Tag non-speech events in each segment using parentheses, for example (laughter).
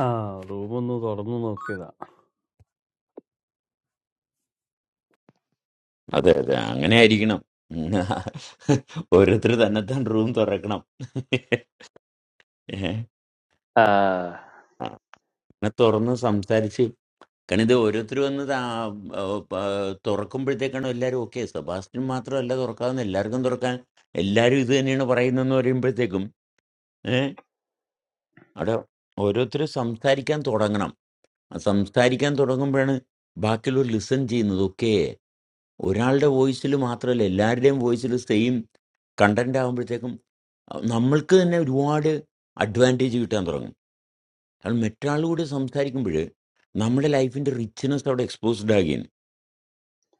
ആ റൂം ഒന്ന് തുറന്നു നോക്കിയതാ അതെ അതെ അങ്ങനെ ആയിരിക്കണം ഉം. ഓരോരുത്തർ തന്നെത്താൻ റൂം തുറക്കണം ഏ? അങ്ങനെ തുറന്ന് സംസാരിച്ച് കാരണം ഇത് ഓരോരുത്തർ വന്ന് താ- ആ, പ- തുറക്കുമ്പോഴത്തേക്കാണ് എല്ലാവരും ഓക്കെ സെബാസ്റ്റ്യൻ മാത്രമല്ല തുറക്കാവുന്ന എല്ലാവർക്കും തുറക്കാൻ എല്ലാവരും ഇത് തന്നെയാണ് പറയുന്നതെന്ന് പറയുമ്പോഴത്തേക്കും ഏഹ് അവിടെ ഓരോരുത്തർ സംസാരിക്കാൻ തുടങ്ങണം ആ സംസാരിക്കാൻ തുടങ്ങുമ്പോഴാണ് ബാക്കിയുള്ളവർ ലിസൺ ചെയ്യുന്നത് ഓക്കെ ഒരാളുടെ വോയിസിൽ മാത്രമല്ല എല്ലാവരുടെയും വോയിസിൽ സെയിം കണ്ടന്റ് ആകുമ്പോഴത്തേക്കും അഹ് നമ്മൾക്ക് തന്നെ ഒരുപാട് അഡ്വാൻറ്റേജ് കിട്ടാൻ തുടങ്ങും കാരണം മറ്റാളുകൂടെ സംസാരിക്കുമ്പോൾ നമ്മുടെ ലൈഫിന്റെ റിച്ച്നെസ് അവിടെ എക്സ്പോസ്ഡ് ആകുകയാണ്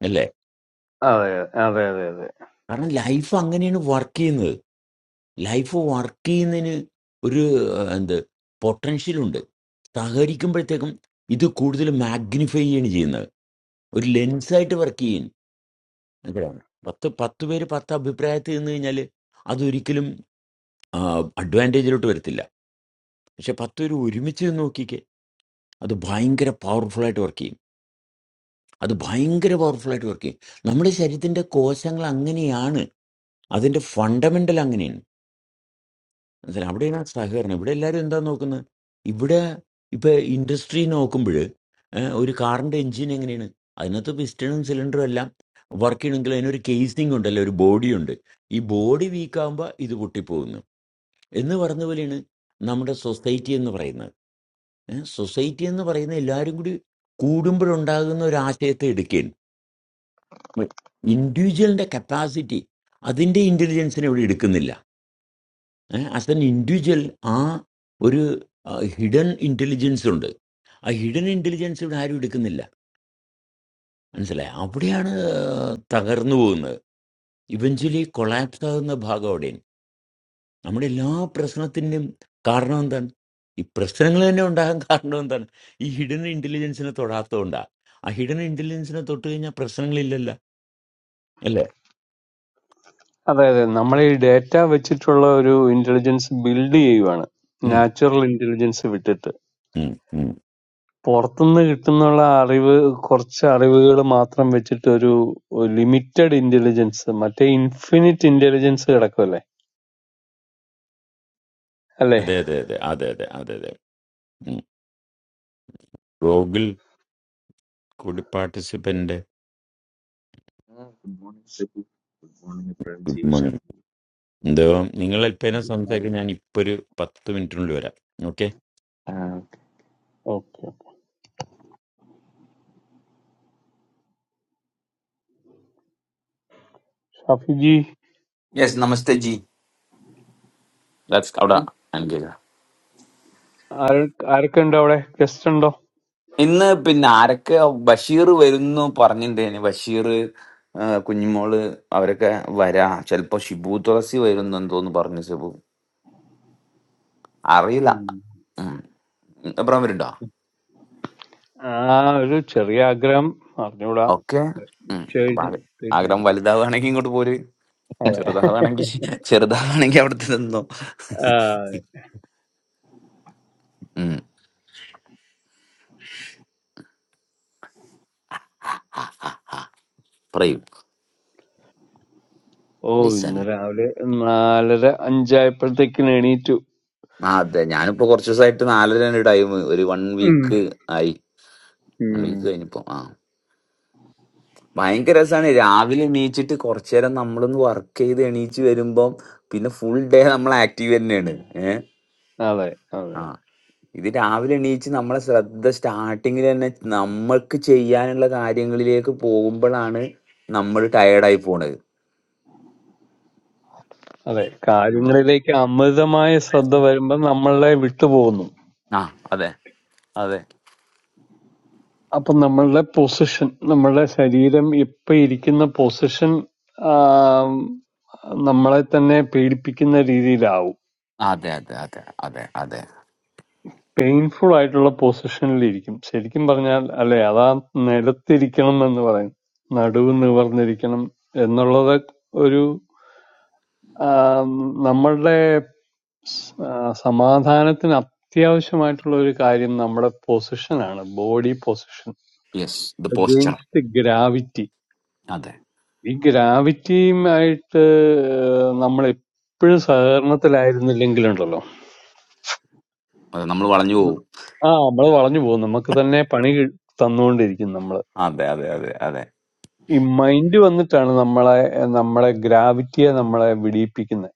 അല്ലേ അതെ അതെ അതെ അതെ കാരണം ലൈഫ് അങ്ങനെയാണ് വർക്ക് ചെയ്യുന്നത് ലൈഫ് വർക്ക് ചെയ്യുന്നതിന് ഒരു അഹ്, എന്ത് പൊട്ടൻഷ്യലുണ്ട് സഹകരിക്കുമ്പോഴത്തേക്കും ഇത് കൂടുതൽ മാഗ്നിഫൈ ചെയ്യാണ് ചെയ്യുന്നത് ഒരു ലെൻസായിട്ട് വർക്ക് ചെയ്യും മനസ്സിലായോ? പത്ത് പത്ത് പേര് പത്ത് അഭിപ്രായത്തിൽ നിന്ന് കഴിഞ്ഞാൽ അതൊരിക്കലും അഡ്വാൻറ്റേജിലോട്ട് വരത്തില്ല പക്ഷെ പത്ത് പേര് ഒരുമിച്ച് നിന്ന് നോക്കിക്കേ അത് ഭയങ്കര പവർഫുള്ളായിട്ട് വർക്ക് ചെയ്യും അത് ഭയങ്കര പവർഫുള്ളായിട്ട് വർക്ക് ചെയ്യും നമ്മുടെ ശരീരത്തിൻ്റെ കോശങ്ങൾ അങ്ങനെയാണ് അതിൻ്റെ ഫണ്ടമെൻ്റൽ അങ്ങനെയാണ് മനസ്സിലായി അവിടെയാണ് ആ സഹകരണം ഇവിടെ എല്ലാവരും എന്താ നോക്കുന്നത് ഇവിടെ ഇപ്പം ഇൻഡസ്ട്രി നോക്കുമ്പോൾ ഒരു കാറിൻ്റെ എഞ്ചിൻ എങ്ങനെയാണ് അതിനകത്ത് പിസ്റ്റണും സിലിണ്ടറും എല്ലാം വർക്ക് ചെയ്യണമെങ്കിൽ അതിനൊരു കേസിംഗ് ഉണ്ടല്ലോ ഒരു ബോഡി ഉണ്ട് ഈ ബോഡി വീക്കാകുമ്പോൾ ഇത് പൊട്ടിപ്പോകുന്നു എന്ന് പറഞ്ഞ പോലെയാണ് നമ്മുടെ സൊസൈറ്റി എന്ന് പറയുന്നത് സൊസൈറ്റി എന്ന് പറയുന്ന എല്ലാവരും കൂടി കൂടുമ്പോഴുണ്ടാകുന്ന ഒരു ആശയത്തെ എടുക്കുകയാണ് ഇൻഡിവിജ്വലിന്റെ കപ്പാസിറ്റി അതിന്റെ ഇന്റലിജൻസിനെ ഇവിടെ എടുക്കുന്നില്ല ആസ് എൻ ഇൻഡിവിജ്വൽ ആ ഒരു ഹിഡൻ ഇന്റലിജൻസ് ഉണ്ട് ആ ഹിഡൻ ഇന്റലിജൻസ് ഇവിടെ ആരും എടുക്കുന്നില്ല മനസ്സിലായി അവിടെയാണ് ആ, തകർന്നു പോകുന്നത് ഇവഞ്ച്വലി കൊളാപ്സ് ആകുന്ന ഭാഗം അവിടെയാണ് നമ്മുടെ എല്ലാ പ്രശ്നത്തിൻ്റെയും കാരണം എന്താണ് ഈ പ്രശ്നങ്ങൾ തന്നെ ഉണ്ടാകാൻ കാരണം എന്താണ് ഈ ഹിഡൻ ഇന്റലിജൻസിനെ തൊടാത്തതുകൊണ്ടാ ആ ഹിഡൻ ഇന്റലിജൻസിനെ തൊട്ട് കഴിഞ്ഞാൽ പ്രശ്നങ്ങളില്ലല്ലോ അല്ലേ അതെ അതെ നമ്മൾ ഈ ഡേറ്റ വെച്ചിട്ടുള്ള ഒരു ഇന്റലിജൻസ് ബിൽഡ് ചെയ്യുവാണ് ഉം, നാച്ചുറൽ ഇന്റലിജൻസ് വിട്ടിട്ട് ഉം, ഉം. പുറത്തുനിന്ന് കിട്ടുന്നുള്ള അറിവ് കുറച്ച് അറിവുകൾ മാത്രം വെച്ചിട്ട് ഒരു ലിമിറ്റഡ് ഇന്റലിജൻസ് മറ്റേ ഇൻഫിനിറ്റ് ഇന്റലിജൻസ് കിടക്കുമല്ലേ അല്ലേ അതെ അതെ അതെ അതെ അതെ അതെ അതെ ഉം. ഗൂഗിൾ കൂടി പാർട്ടിസിപ്പന്റ് ആ, good morning Sebu. Good morning Abraham good ജിയേഷാ. മോർണിംഗ് എന്തോ നിങ്ങൾ അല്പേന സംസാരിക്കും ഞാൻ ഇപ്പൊ ഒരു പത്ത് മിനിറ്റിനുള്ളിൽ വരാം ഓക്കെ ആ, ഓക്കെ ഷാഫിജി യെസ് നമസ്തേ ജി ലെറ്റ്സ് അവിടെ എൻഗേജ് ആര- ആരൊക്കെ ഉണ്ടോ അവിടെ ഗസ്റ്റ് ഉണ്ടോ ഇന്ന് പിന്നെ ആരൊക്കെ ബഷീർ വരുന്നു പറഞ്ഞിട്ടുണ്ടായിരുന്നു ബഷീർ ആ, കുഞ്ഞിമോള് അവരൊക്കെ വരാ ചിലപ്പോ ഷിബു തുളസി വരുന്നു എന്തോന്ന് പറഞ്ഞു ഷിബു അറിയില്ല ഉം. ഉം. എബ്രാം വരുണ്ടോ ആ ഒരു ചെറിയ ആഗ്രഹം അറിഞ്ഞൂടാ ഓക്കെ ചെയ്- അപ്പൊ ആഗ്ര- ആഗ്രഹം തീരുമാനിക്കാം വലുതാവുകയാണെങ്കിൽ ഇങ്ങോട്ട് പോര് okay. അതെ ചെറുതാവുകയാണെങ്കിൽ ചെറുതാവുകയാണെങ്കിൽ അവിടുത്തെ നിന്നോ ആ, ഉം, പറയൂ ഓ ലിസൺ ഇന്ന് രാവിലെ നാലര അഞ്ചായപ്പോഴത്തേക്കിന് എണീറ്റു ആ അതെ ഞാനിപ്പോ കുറച്ച് ദിവസമായിട്ട് നാലര ടൈം ഒരു വൺ ഉം. വീക്ക് ആയി വൺ ഉം. വീക്ക് കഴിഞ്ഞിപ്പോ ആ ഭയങ്കര രസമാണ് രാവിലെ എണീച്ചിട്ട് കുറച്ചു നേരം നമ്മളൊന്ന് വർക്ക് ചെയ്ത് എണീച്ച് വരുമ്പം പിന്നെ ഫുൾ ഡേ നമ്മൾ ആക്റ്റീവ് തന്നെയാണ് ഏഹ് അതെ അതെ ആ ഇത് രാവിലെ എണീച്ച് നമ്മളെ ശ്രദ്ധ സ്റ്റാർട്ടിങ്ങിൽ തന്നെ നമ്മൾക്ക് ചെയ്യാനുള്ള കാര്യങ്ങളിലേക്ക് പോകുമ്പോഴാണ് നമ്മൾ ടയേർഡായി പോണത് അതെ ആ കാര്യങ്ങളിലേക്ക് അമിതമായ ശ്രദ്ധ വരുമ്പോ നമ്മളെ വിട്ടുപോകുന്നു ആ, അതെ അതെ അപ്പൊ നമ്മളുടെ പൊസിഷൻ നമ്മളുടെ ശരീരം ഇപ്പൊ ഇരിക്കുന്ന പൊസിഷൻ നമ്മളെ തന്നെ പേടിപ്പിക്കുന്ന രീതിയിലാവും അതെ അതെ അതെ അതെ അതെ പെയിൻഫുൾ ആയിട്ടുള്ള പൊസിഷനിലിരിക്കും. ശരിക്കും പറഞ്ഞാൽ അല്ലേ അതാ നിലത്തിരിക്കണം എന്ന് പറയും. നടുവ് നിവർന്നിരിക്കണം എന്നുള്ളത് ഒരു ആം, നമ്മളുടെ സ് ആ, സമാധാനത്തിന് അത്യാവശ്യമായിട്ടുള്ള ഒരു കാര്യം നമ്മുടെ പൊസിഷനാണ്. Body position yes the posture against gravity. അതെ ഈ ഗ്രാവിറ്റിയുമായിട്ട് നമ്മൾ എപ്പോഴും സഹകരണത്തിലായിരുന്നില്ലെങ്കിലുണ്ടല്ലോ അതെ നമ്മൾ വളഞ്ഞു പോകും ആ നമ്മൾ വളഞ്ഞു പോകും. നമുക്ക് തന്നെ പണി കി- തന്നുകൊണ്ടിരിക്കും നമ്മൾ. അതെ അതെ അതെ അതെ ഈ മൈൻഡ് വന്നിട്ടാണ് നമ്മളെ നമ്മളെ ഗ്രാവിറ്റിയെ നമ്മളെ വിടിയിപ്പിക്കുന്നത്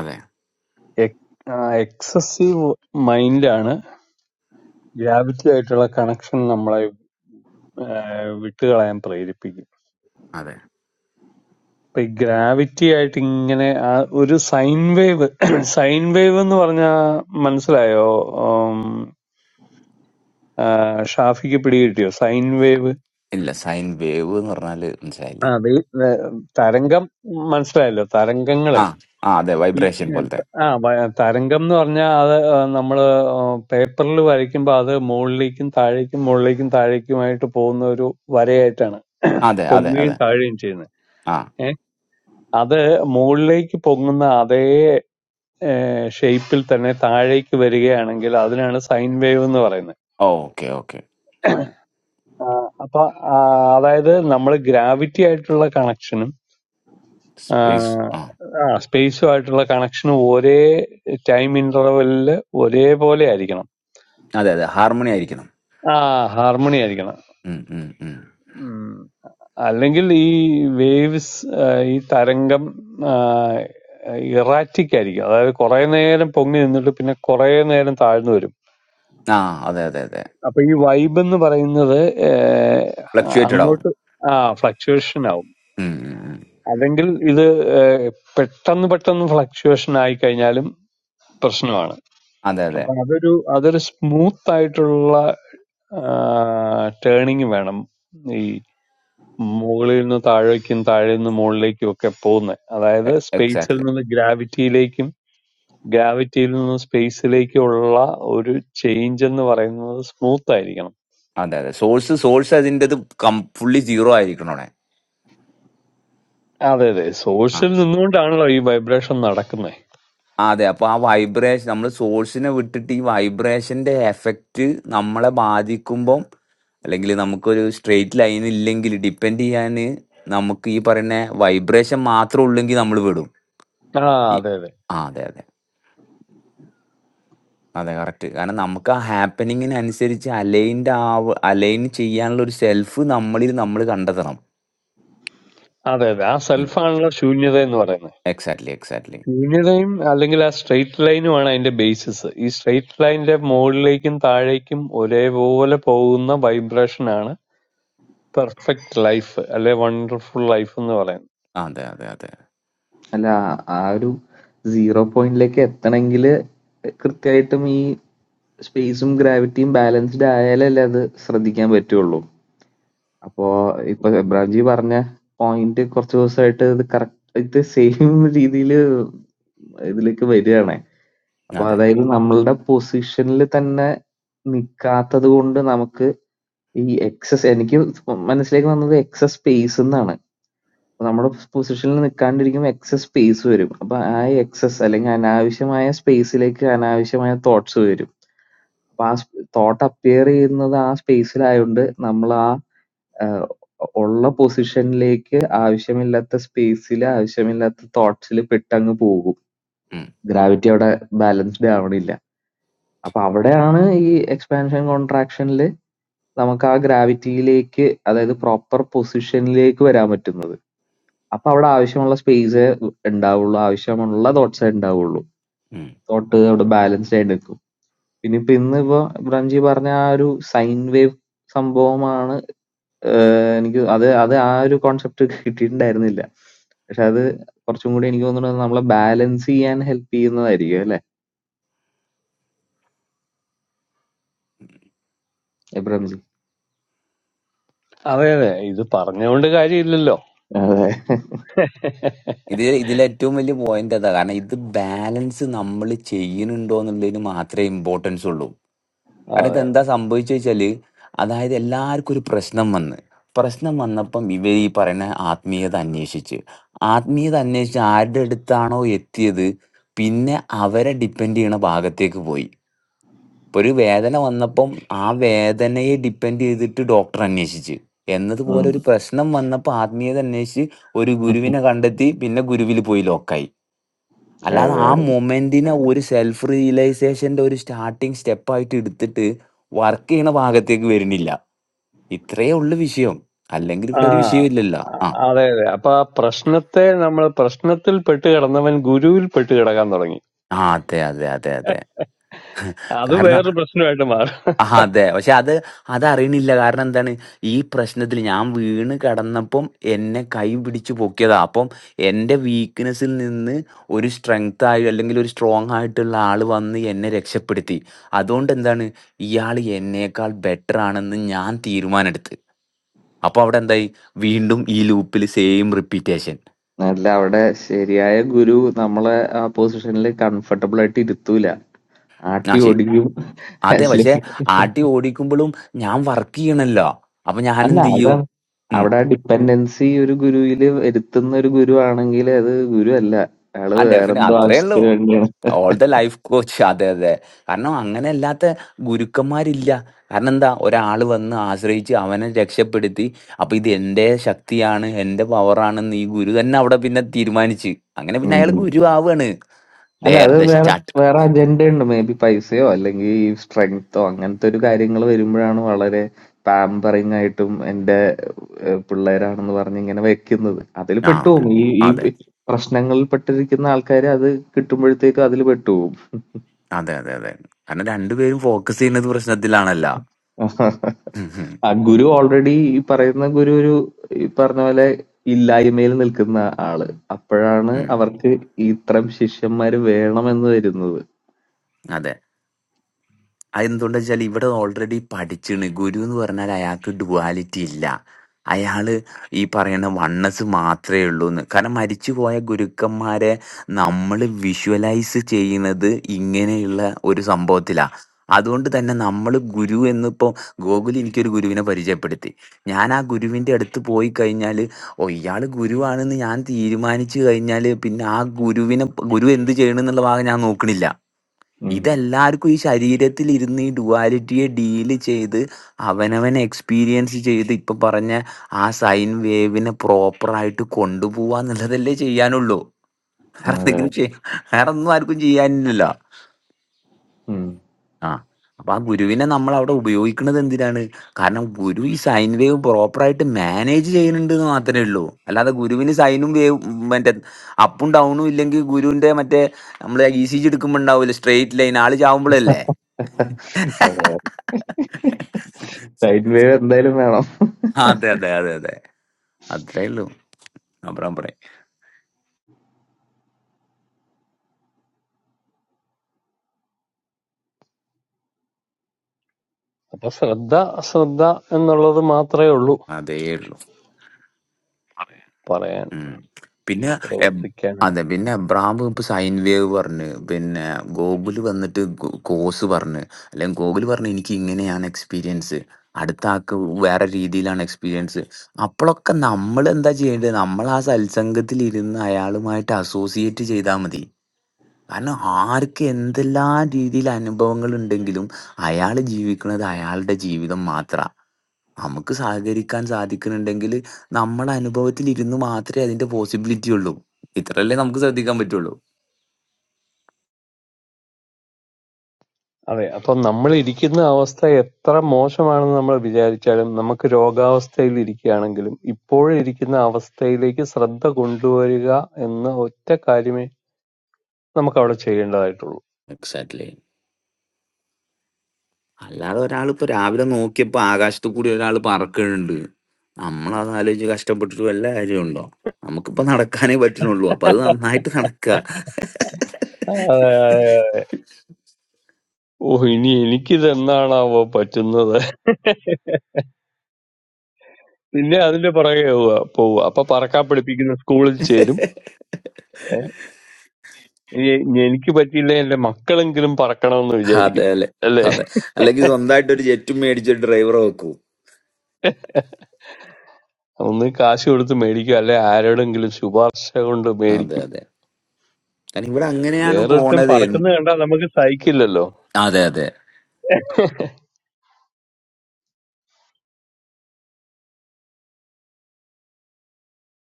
അതെ എക്സസീവ് മൈൻഡാണ് ഗ്രാവിറ്റി ആയിട്ടുള്ള കണക്ഷൻ നമ്മളെ ആ, വിട്ടുകളയാൻ പ്രേരിപ്പിക്കും അതെ അപ്പൊ ഈ ഗ്രാവിറ്റി ആയിട്ട് ഇങ്ങനെ ആ ഒരു സൈൻ വേവ് സൈൻ വേവ് (coughs) എന്ന് പറഞ്ഞാ മനസ്സിലായോ ഉം, ആ, ഷാഫിക്ക് പിടികിട്ടിയോ സൈൻ വേവ് ഇല്ല സൈൻ വേവ് എന്ന് പറഞ്ഞാൽ ആ മനസ്സിലായില്ല വേ- വേ- തരംഗം മനസ്സിലായല്ലോ തരംഗങ്ങളെ ആ ആ അതെ ഈ വൈബ്രേഷൻ ഏഹ്, പോലത്തെ ത- ആ വ- തരംഗം എന്ന് പറഞ്ഞാൽ അത് ഏഹ്, നമ്മള് പേപ്പറിൽ വരയ്ക്കുമ്പോൾ അത് മുകളിലേക്കും താഴേക്കും മുകളിലേക്കും താഴേക്കുമായിട്ട് പോകുന്ന ഒരു വരയായിട്ടാണ് (clears throat) അതെ അതെ പൊങ്ങുകയും അതെ താഴുകയും ചെയ്യുന്നത് ആ ഏഹ് അത് മുകളിലേക്ക് പൊങ്ങുന്ന അതേ ഷേപ്പിൽ തന്നെ താഴേക്ക് വരികയാണെങ്കിൽ അതിനാണ് സൈൻ വേവ് എന്ന് പറയുന്നത് ഓക്കെ ഓക്കെ ആ, അപ്പൊ ആ, അതായത് നമ്മൾ ഗ്രാവിറ്റി ആയിട്ടുള്ള കണക്ഷനും സ്പേസ് ആ സ്പേസുമായിട്ടുള്ള കണക്ഷനും ഒരേ ടൈം ഇന്റർവെല്ലിൽ ഒരേപോലെ ആയിരിക്കണം അതെ അതെ ഹാർമണി ആയിരിക്കണം ആ ഹാർമണി ആയിരിക്കണം ഉം, ഉം, ഉം. ഉം. അല്ലെങ്കിൽ ഈ വേവ്സ് ഈ തരംഗം ഇറാറ്റിക് ആയിരിക്കും അതായത് കുറെ നേരം പൊങ്ങി നിന്നിട്ട് പിന്നെ കുറെ നേരം താഴ്ന്നു വരും ആ അതെ അതെ അതെ അപ്പൊ ഈ വൈബ് എന്ന് പറയുന്നത് ആ, ഫ്ലക്ച്വേറ്റഡ് ആവും അങ്ങോട്ട് ആ ഫ്ലക്ച്വേഷൻ ആവും ഉം, ഉം, ഉം. അല്ലെങ്കിൽ ഇത് ആ, പെട്ടെന്ന് പെട്ടെന്ന് ഫ്ലക്ച്വേഷൻ ആയി കഴിഞ്ഞാലും പ്രശ്നമാണ് അതെ അതെ അപ്പൊ അതൊരു അതൊരു സ്മൂത്ത് ആയിട്ടുള്ള ടേണിങ് വേണം ഈ മുകളിൽ നിന്ന് താഴേക്കും താഴെ നിന്ന് മുകളിലേക്കും ഒക്കെ പോകുന്നത് അതായത് സ്പേസിൽ എക്സാക്ട്ലി നിന്ന് ഗ്രാവിറ്റിയിലേക്കും ഗ്രാവിറ്റിയിൽ നിന്ന് സ്പേസിലേക്കുള്ള ഒരു ചേഞ്ച് എന്ന് പറയുന്നത് സ്മൂത്ത് ആയിരിക്കണം അതെ അതെ സോഴ്സ് സോഴ്സ് അതിൻ്റെത് കം ഫുള്ളി സീറോ ആയിരിക്കണം അവിടെ അതെ അതെ സോഴ്സിൽ നിന്നുകൊണ്ടാണല്ലോ ഈ വൈബ്രേഷൻ നടക്കുന്നത് അതെ അപ്പൊ ആ വൈബ്രേഷൻ നമ്മൾ സോഴ്സിനെ വിട്ടിട്ട് ഈ വൈബ്രേഷന്റെ എഫക്റ്റ് നമ്മളെ ബാധിക്കുമ്പം അല്ലെങ്കിൽ നമുക്കൊരു സ്ട്രെയിറ്റ് ലൈൻ ഇല്ലെങ്കിൽ ഡിപ്പെൻഡ് ചെയ്യാൻ നമുക്ക് ഈ പറയുന്ന വൈബ്രേഷൻ മാത്രം ഉള്ളെങ്കിൽ നമ്മൾ വിടും ആ ഈ അതെ അതെ ആ അതെ അതെ അതെ കറക്റ്റ് കാരണം നമുക്ക് ആ ഹാപ്പനിങ്ങിനനുസരിച്ച് അലൈൻഡ് ആവ അലൈൻ ചെയ്യാനുള്ള ഒരു സെൽഫ് നമ്മളിൽ നമ്മൾ കണ്ടെത്തണം അതെ അതെ ആ സെൽഫാണല്ലോ ശൂന്യത എന്ന് പറയുന്നത് എക്സാക്ട്ലി എക്സാക്ട്ലി ശൂന്യതയും അല്ലെങ്കിൽ ആ സ്ട്രെയിറ്റ് ലൈനുമാണ് അതിന്റെ ബേസിസ് ഈ സ്ട്രെയിറ്റ് ലൈനിന്റെ മുകളിലേക്കും താഴേക്കും ഒരേപോലെ പോകുന്ന വൈബ്രേഷൻ ആണ് പെർഫെക്റ്റ് ലൈഫ് അല്ലെ വണ്ടർഫുൾ ലൈഫ് എന്ന് പറയുന്നത് അതെ അതെ അതെ അല്ല ആ ഒരു സീറോ പോയിന്റിലേക്ക് എത്തണമെങ്കിൽ കൃത്യമായിട്ടും ഈ സ്പേസും ഗ്രാവിറ്റിയും ബാലൻസ്ഡ് ആയാലല്ലേ അത് ശ്രദ്ധിക്കാൻ പറ്റുള്ളൂ അപ്പോ ഇപ്പൊ എബ്രഹാം ജി പറഞ്ഞ പോയിന്റ് കുറച്ച് ദിവസമായിട്ട് ഇത് കറക്റ്റ് ഇത് സെയിം രീതിയിൽ (laughs) ഇതിലേക്ക് വരികയാണ് അപ്പൊ അതെ അതായത് നമ്മളുടെ പൊസിഷനിൽ തന്നെ നിക്കാത്തത് കൊണ്ട് നമുക്ക് ഈ എക്സസ് എനിക്ക് മനസ്സിലേക്ക് വന്നത് എക്സസ് സ്പേസ് എന്നാണ്. അപ്പൊ നമ്മുടെ പൊസിഷനിൽ നിൽക്കാണ്ടിരിക്കുമ്പോൾ എക്സസ് സ്പേസ് വരും. അപ്പൊ ആ എക്സസ് അല്ലെങ്കിൽ അനാവശ്യമായ സ്പേസിലേക്ക് അനാവശ്യമായ തോട്ട്സ് വരും. അപ്പൊ ആ തോട്ട് അപ്പിയർ ചെയ്യുന്നത് ആ സ്പേസിലായതുകൊണ്ട് നമ്മൾ ആ ആഹ് ഉള്ള പൊസിഷനിലേക്ക് ആവശ്യമില്ലാത്ത സ്പേസിൽ ആവശ്യമില്ലാത്ത തോട്ട്സിൽ പെട്ടങ്ങ് പോകും. ഗ്രാവിറ്റി അവിടെ ബാലൻസ്ഡ് ആവണില്ല. അപ്പൊ അവിടെയാണ് ഈ എക്സ്പാൻഷൻ കോൺട്രാക്ഷനിൽ നമുക്ക് ആ ഗ്രാവിറ്റിയിലേക്ക് അതായത് പ്രോപ്പർ പൊസിഷനിലേക്ക് വരാൻ പറ്റുന്നത്. അപ്പൊ അവിടെ ആവശ്യമുള്ള സ്പേസേ ഉണ്ടാവുള്ളൂ. ആവശ്യമുള്ള തോട്ട്സേ ഉണ്ടാവുള്ളൂ. ഉം. തോട്ട് അവിടെ ബാലൻസ്ഡ് ആയി നിൽക്കും. പിന്നെ ഇപ്പൊ ഇന്നിപ്പോ ബ്രംജി പറഞ്ഞ ആ ഒരു സൈൻ വേവ് സംഭവമാണ് ഏഹ് എനിക്ക് അത് അത് ആ ഒരു കോൺസെപ്റ്റ് കിട്ടിയിട്ടുണ്ടായിരുന്നില്ല. പക്ഷെ അത് കുറച്ചും കൂടി എനിക്ക് തോന്നുന്നത് നമ്മളെ ബാലൻസ് ചെയ്യാൻ ഹെൽപ്പ് ചെയ്യുന്നതായിരിക്കും അല്ലെ എബ്രംജി? അതെ അതെ ഇത് പറഞ്ഞുകൊണ്ട് കാര്യമില്ലല്ലോ അതെ. (laughs) ഇത് ഇതിലേറ്റവും വലിയ പോയിന്റ് അതാ കാരണം ഇത് ബാലൻസ് നമ്മൾ ചെയ്യുന്നുണ്ടോ എന്നുള്ളതിന് മാത്രമേ ഇമ്പോർട്ടൻസ് ഉള്ളൂ കാരണം ഇത് അതെ എന്താ സംഭവിച്ചു വെച്ചാല് അതായത് എല്ലാവർക്കും ഒരു പ്രശ്നം വന്ന് പ്രശ്നം വന്നപ്പം ഇവർ ഈ പറയുന്ന ആത്മീയത അന്വേഷിച്ച് ആത്മീയത അന്വേഷിച്ച് ആരുടെ അടുത്താണോ എത്തിയത് പിന്നെ അവരെ ഡിപ്പെൻഡ് ചെയ്യണ ഭാഗത്തേക്ക് പോയി ഇപ്പൊ ഒരു വേദന വന്നപ്പം ആ വേദനയെ ഡിപ്പെൻഡ് ചെയ്തിട്ട് ഡോക്ടർ അന്വേഷിച്ച് എന്നതുപോലെ ഉം. ഒരു പ്രശ്നം വന്നപ്പോൾ ആത്മീയത അന്വേഷിച്ച് ഒരു ഗുരുവിനെ കണ്ടെത്തി പിന്നെ ഗുരുവിൽ പോയി ലോക്കായി അല്ലാതെ അതെ ആ മൊമെന്റിനെ ഒരു സെൽഫ് റിയലൈസേഷന്റെ ഒരു സ്റ്റാർട്ടിങ് സ്റ്റെപ്പായിട്ട് എടുത്തിട്ട് വർക്ക് ചെയ്യണ ഭാഗത്തേക്ക് വരുന്നില്ല ഇത്രയേ ഉള്ളു വിഷയം അല്ലെങ്കിൽ ആ ഇവിടെ ഒരു വിഷയമില്ലല്ലോ ആ അതെ അതെ അപ്പൊ ആ പ്രശ്നത്തെ നമ്മൾ പ്രശ്നത്തിൽ പെട്ട് കിടന്നവൻ ഗുരുവിൽ പെട്ട് കിടക്കാൻ തുടങ്ങി ആ അതെ അതെ അതെ അതെ അത് കാരണം വേറൊരു പ്രശ്നമായിട്ട് മാറും ആ അതെ പക്ഷെ അത് അതറിയണില്ല കാരണം എന്താണ് ഈ പ്രശ്നത്തിൽ ഞാൻ വീണ് കിടന്നപ്പം എന്നെ കൈ പിടിച്ച് പൊക്കിയതാ അപ്പം എൻ്റെ വീക്ക്നെസ്സിൽ നിന്ന് ഒരു സ്ട്രെങ്ത് ആയി അല്ലെങ്കിൽ ഒരു സ്ട്രോങ് ആയിട്ടുള്ള ആൾ വന്ന് എന്നെ രക്ഷപ്പെടുത്തി അതുകൊണ്ട് എന്താണ് ഇയാൾ എന്നേക്കാൾ ബെറ്റർ ആണെന്ന് ഞാൻ തീരുമാനമെടുത്ത് അപ്പോൾ അവിടെ എന്തായി വീണ്ടും ഈ ലൂപ്പിൽ സെയിം റിപ്പീറ്റേഷൻ അല്ല അവിടെ ശരിയായ ഗുരു നമ്മളെ ആ പൊസിഷനിൽ കംഫർട്ടബിൾ ആയിട്ട് ഇരുത്തൂല ആ ആട്ടി ശരി ഓടിക്കും അതെ പക്ഷെ അല്ലെങ്കിൽ ആട്ടി ഓടിക്കുമ്പോഴും ഞാൻ വർക്ക് ചെയ്യണല്ലോ അപ്പൊ ഞാൻ അല്ല എന്ത് ചെയ്യും അതാണ് ഉം അവിടെ ആ ഡിപ്പെൻഡൻസി ഒരു ഗുരുവില് വരുത്തുന്ന ഒരു ഗുരു ആണെങ്കിൽ അത് ഗുരു അല്ല അയാള് ആ ഡെഫിനെ വേറെന്തോ അത്രേ ഉള്ളൂ ആവശ്യത്തിന് ഓൾ ദ ലൈഫ് കോച്ച് അതെ അതെ കാരണം അങ്ങനെ അല്ലാത്ത ഗുരുക്കന്മാരില്ല കാരണം എന്താ ഒരാൾ വന്ന് ആശ്രയിച്ച് അവനെ രക്ഷപ്പെടുത്തി അപ്പൊ ഇത് എന്റെ ശക്തിയാണ് എന്റെ പവറാണെന്ന് ഈ ഗുരു തന്നെ അവിടെ പിന്നെ തീരുമാനിച്ച് അങ്ങനെ പിന്നെ അയാൾ വേണ്ടിയാണ് ഗുരു ആവാണ് അല്ല ദർ അത് ദ വേറെ സ്റ്റാർട്ട് വേറെ അജണ്ട ഉണ്ട് മേ ബി പൈസയോ അല്ലെങ്കിൽ ഈ സ്ട്രെങ്തോ അങ്ങനത്തെ ഒരു കാര്യങ്ങൾ വരുമ്പോഴാണ് വളരെ പാമ്പറിങ് ആയിട്ടും എന്റെ ഏഹ്, പിള്ളേരാണെന്ന് പറഞ്ഞ് ഇങ്ങനെ വെക്കുന്നത് അതിൽ ആ പെട്ടുപോകും ഈ ഈ അതെ പ്രശ്നങ്ങളിൽ പെട്ടിരിക്കുന്ന ആൾക്കാർ അത് കിട്ടുമ്പോഴത്തേക്കും അതിൽ പെട്ടുപോകും അതെ അതെ അതെ അതെ കാരണം രണ്ടുപേരും ഫോക്കസ് ചെയ്യുന്നത് പ്രശ്നത്തിലാണല്ല ഉം, ഉം, ആ ഗുരു ഓൾറെഡി ഈ പറയുന്ന ഗുരു ഒരു ഈ പറഞ്ഞ പോലെ ഇല്ലായ്മയിൽ നിൽക്കുന്ന ആള് അപ്പോഴാണ് ഉം, അവർക്ക് ഇത്തരം ശിഷ്യന്മാര് വേണമെന്ന് വരുന്നത് അതെ അതെന്തുകൊണ്ടെന്ന് വെച്ചാൽ ഇവിടെ ഓൾറെഡി പഠിച്ചിണ് ഗുരു എന്ന് പറഞ്ഞാൽ അയാൾക്ക് ഡുവാലിറ്റി ഇല്ല അയാള് ഈ പറയുന്ന വണ്ണസ് മാത്രമേ ഉള്ളൂ എന്ന് കാരണം മരിച്ചുപോയ ഗുരുക്കന്മാരെ നമ്മൾ വിഷ്വലൈസ് ചെയ്യുന്നത് ഇങ്ങനെയുള്ള ഒരു സംഭവത്തിലാണ് അതുകൊണ്ട് തന്നെ നമ്മൾ ഗുരു എന്നിപ്പോൾ ഗോകുൽ എനിക്കൊരു ഗുരുവിനെ പരിചയപ്പെടുത്തി ഞാൻ ആ ഗുരുവിൻ്റെ അടുത്ത് പോയി കഴിഞ്ഞാൽ ഓ ഇയാൾ ഗുരുവാണെന്ന് ഞാൻ തീരുമാനിച്ചു കഴിഞ്ഞാൽ പിന്നെ ആ ഗുരുവിനെ ഗുരു എന്ത് ചെയ്യണമെന്നുള്ള ഭാഗം ഞാൻ നോക്കണില്ല ഉം. ഇതെല്ലാവർക്കും ഈ ശരീരത്തിൽ ഇരുന്ന് ഈ ഡുവാലിറ്റിയെ ഡീല് ചെയ്ത് അവനവനെ എക്സ്പീരിയൻസ് ചെയ്ത് ഇപ്പൊ പറഞ്ഞ ആ സൈൻ വേവിനെ പ്രോപ്പറായിട്ട് കൊണ്ടുപോവാ എന്നുള്ളതല്ലേ ചെയ്യാനുള്ളൂ വേറെ അതെ എന്തെങ്കിലും ചെയ്യാ വേറെ ഒന്നും ആർക്കും ചെയ്യാനില്ലല്ലോ ഉം. ആ അപ്പൊ ആ ഗുരുവിനെ നമ്മൾ അവിടെ ഉപയോഗിക്കുന്നത് എന്തിനാണ് കാരണം ഗുരു ഈ സൈൻ വേവ് പ്രോപ്പറായിട്ട് മാനേജ് ചെയ്യുന്നുണ്ട് എന്ന് മാത്രമേ ഉള്ളൂ അല്ലാതെ ഗുരുവിന് സൈനും വേവ് മറ്റേ അപ്പും ഡൗണും ഇല്ലെങ്കിൽ ഗുരുവിന്റെ മറ്റേ നമ്മൾ ഇ സി ജി എടുക്കുമ്പോൾ ഉണ്ടാവില്ല സ്ട്രെയിറ്റ് ലൈൻ ആള് ചാവുമ്പോഴല്ലേ അതെ സൈഡ് വേവ് എന്തായാലും വേണം അതെ അതെ അതെ അതെ അത്രേ ഉള്ളൂ അബ്രാം പറയും അപ്പൊ ശ്രദ്ധ ശ്രദ്ധ എന്നുള്ളത് മാത്രമേ ഉള്ളൂ അതേ ഉള്ളൂ പറയാൻ ഉം. പിന്നെ എബ്- പ്രവർത്തിക്കാൻ അതെ പിന്നെ എബ്രാം ഇപ്പൊ സൈൻ വേവ് പറഞ്ഞ് പിന്നെ ഗോകുല് വന്നിട്ട് ഗോ- കോസ് പറഞ്ഞ് അല്ലെങ്കിൽ ഗോകുല് പറഞ്ഞ് എനിക്ക് ഇങ്ങനെയാണ് എക്സ്പീരിയൻസ് അടുത്ത ആൾക്ക് വേറെ രീതിയിലാണ് എക്സ്പീരിയൻസ് അപ്പോഴൊക്കെ നമ്മൾ എന്താ ചെയ്യേണ്ടത് നമ്മൾ ആ സത്സംഗത്തിൽ ഇരുന്ന് അയാളുമായിട്ട് അസോസിയേറ്റ് ചെയ്താൽ മതി കാരണം ആർക്ക് എന്തെല്ലാം രീതിയിൽ അനുഭവങ്ങൾ ഉണ്ടെങ്കിലും അയാൾ ജീവിക്കുന്നത് അയാളുടെ ജീവിതം മാത്രമാണ് നമുക്ക് സഹകരിക്കാൻ സാധിക്കുന്നുണ്ടെങ്കില് നമ്മുടെ അനുഭവത്തിലിരുന്ന് മാത്രേ അതിന്റെ പോസിബിലിറ്റി ഉള്ളൂ. ഇത്രയല്ലേ നമുക്ക് ശ്രദ്ധിക്കാൻ പറ്റുള്ളൂ. അതെ അപ്പൊ നമ്മൾ ഇരിക്കുന്ന അവസ്ഥ എത്ര മോശമാണെന്ന് നമ്മൾ വിചാരിച്ചാലും നമുക്ക് രോഗാവസ്ഥയിൽ ഇരിക്കുകയാണെങ്കിലും ഇപ്പോഴിരിക്കുന്ന അവസ്ഥയിലേക്ക് ശ്രദ്ധ കൊണ്ടുവരിക എന്ന ഒറ്റ കാര്യമേ നമുക്ക് അവിടെ ചെയ്യേണ്ടതായിട്ടുള്ളൂ എക്സാക്ട്‌ലി. അല്ലാതെ ഒരാളിപ്പോ രാവിലെ നോക്കിയപ്പോ ആകാശത്ത് കൂടി ഒരാള് പറക്കണുണ്ട്. നമ്മളത് ആലോചിച്ച് കഷ്ടപ്പെട്ടിട്ട് വല്ല കാര്യവുണ്ടോ? നമുക്കിപ്പോ നടക്കാനേ പറ്റണുള്ളൂ. അപ്പൊ അത് (laughs) നന്നായിട്ട് നടക്കുക. അതെ, അതെ, അതെ. ഓ ഇനി എനിക്കിത് എന്നാണാവോ പറ്റുന്നത് (laughs) പിന്നെ അതിന്റെ പുറകെ പോവുക പോവുക അപ്പൊ പറക്കാൻ പഠിപ്പിക്കുന്ന സ്കൂളിൽ ചേരും ഏ, ഇനി ഇനി എനിക്ക് പറ്റിയില്ല എന്റെ മക്കളെങ്കിലും പറക്കണമെന്ന് വിചാരിക്കും അതെ അല്ലെ. അല്ലേ അതെ. അല്ലെങ്കിൽ സ്വന്തായിട്ട് ഒരു ജെറ്റും മേടിച്ച് ഡ്രൈവറെ വെക്കൂ. (laughs) ഒന്ന് കാശ് കൊടുത്ത് മേടിക്കും അല്ലെ ആരോടെങ്കിലും ശുപാർശ കൊണ്ട് അതെ മേടിക്കും അതെ. കാരണം ഇവിടെ അങ്ങനെയാണ് വേറൊരുത്തൻ പോണതേ. പറക്കുന്നത് കണ്ടാൽ നമുക്ക് സഹിക്കില്ലല്ലോ അതെ അതെ.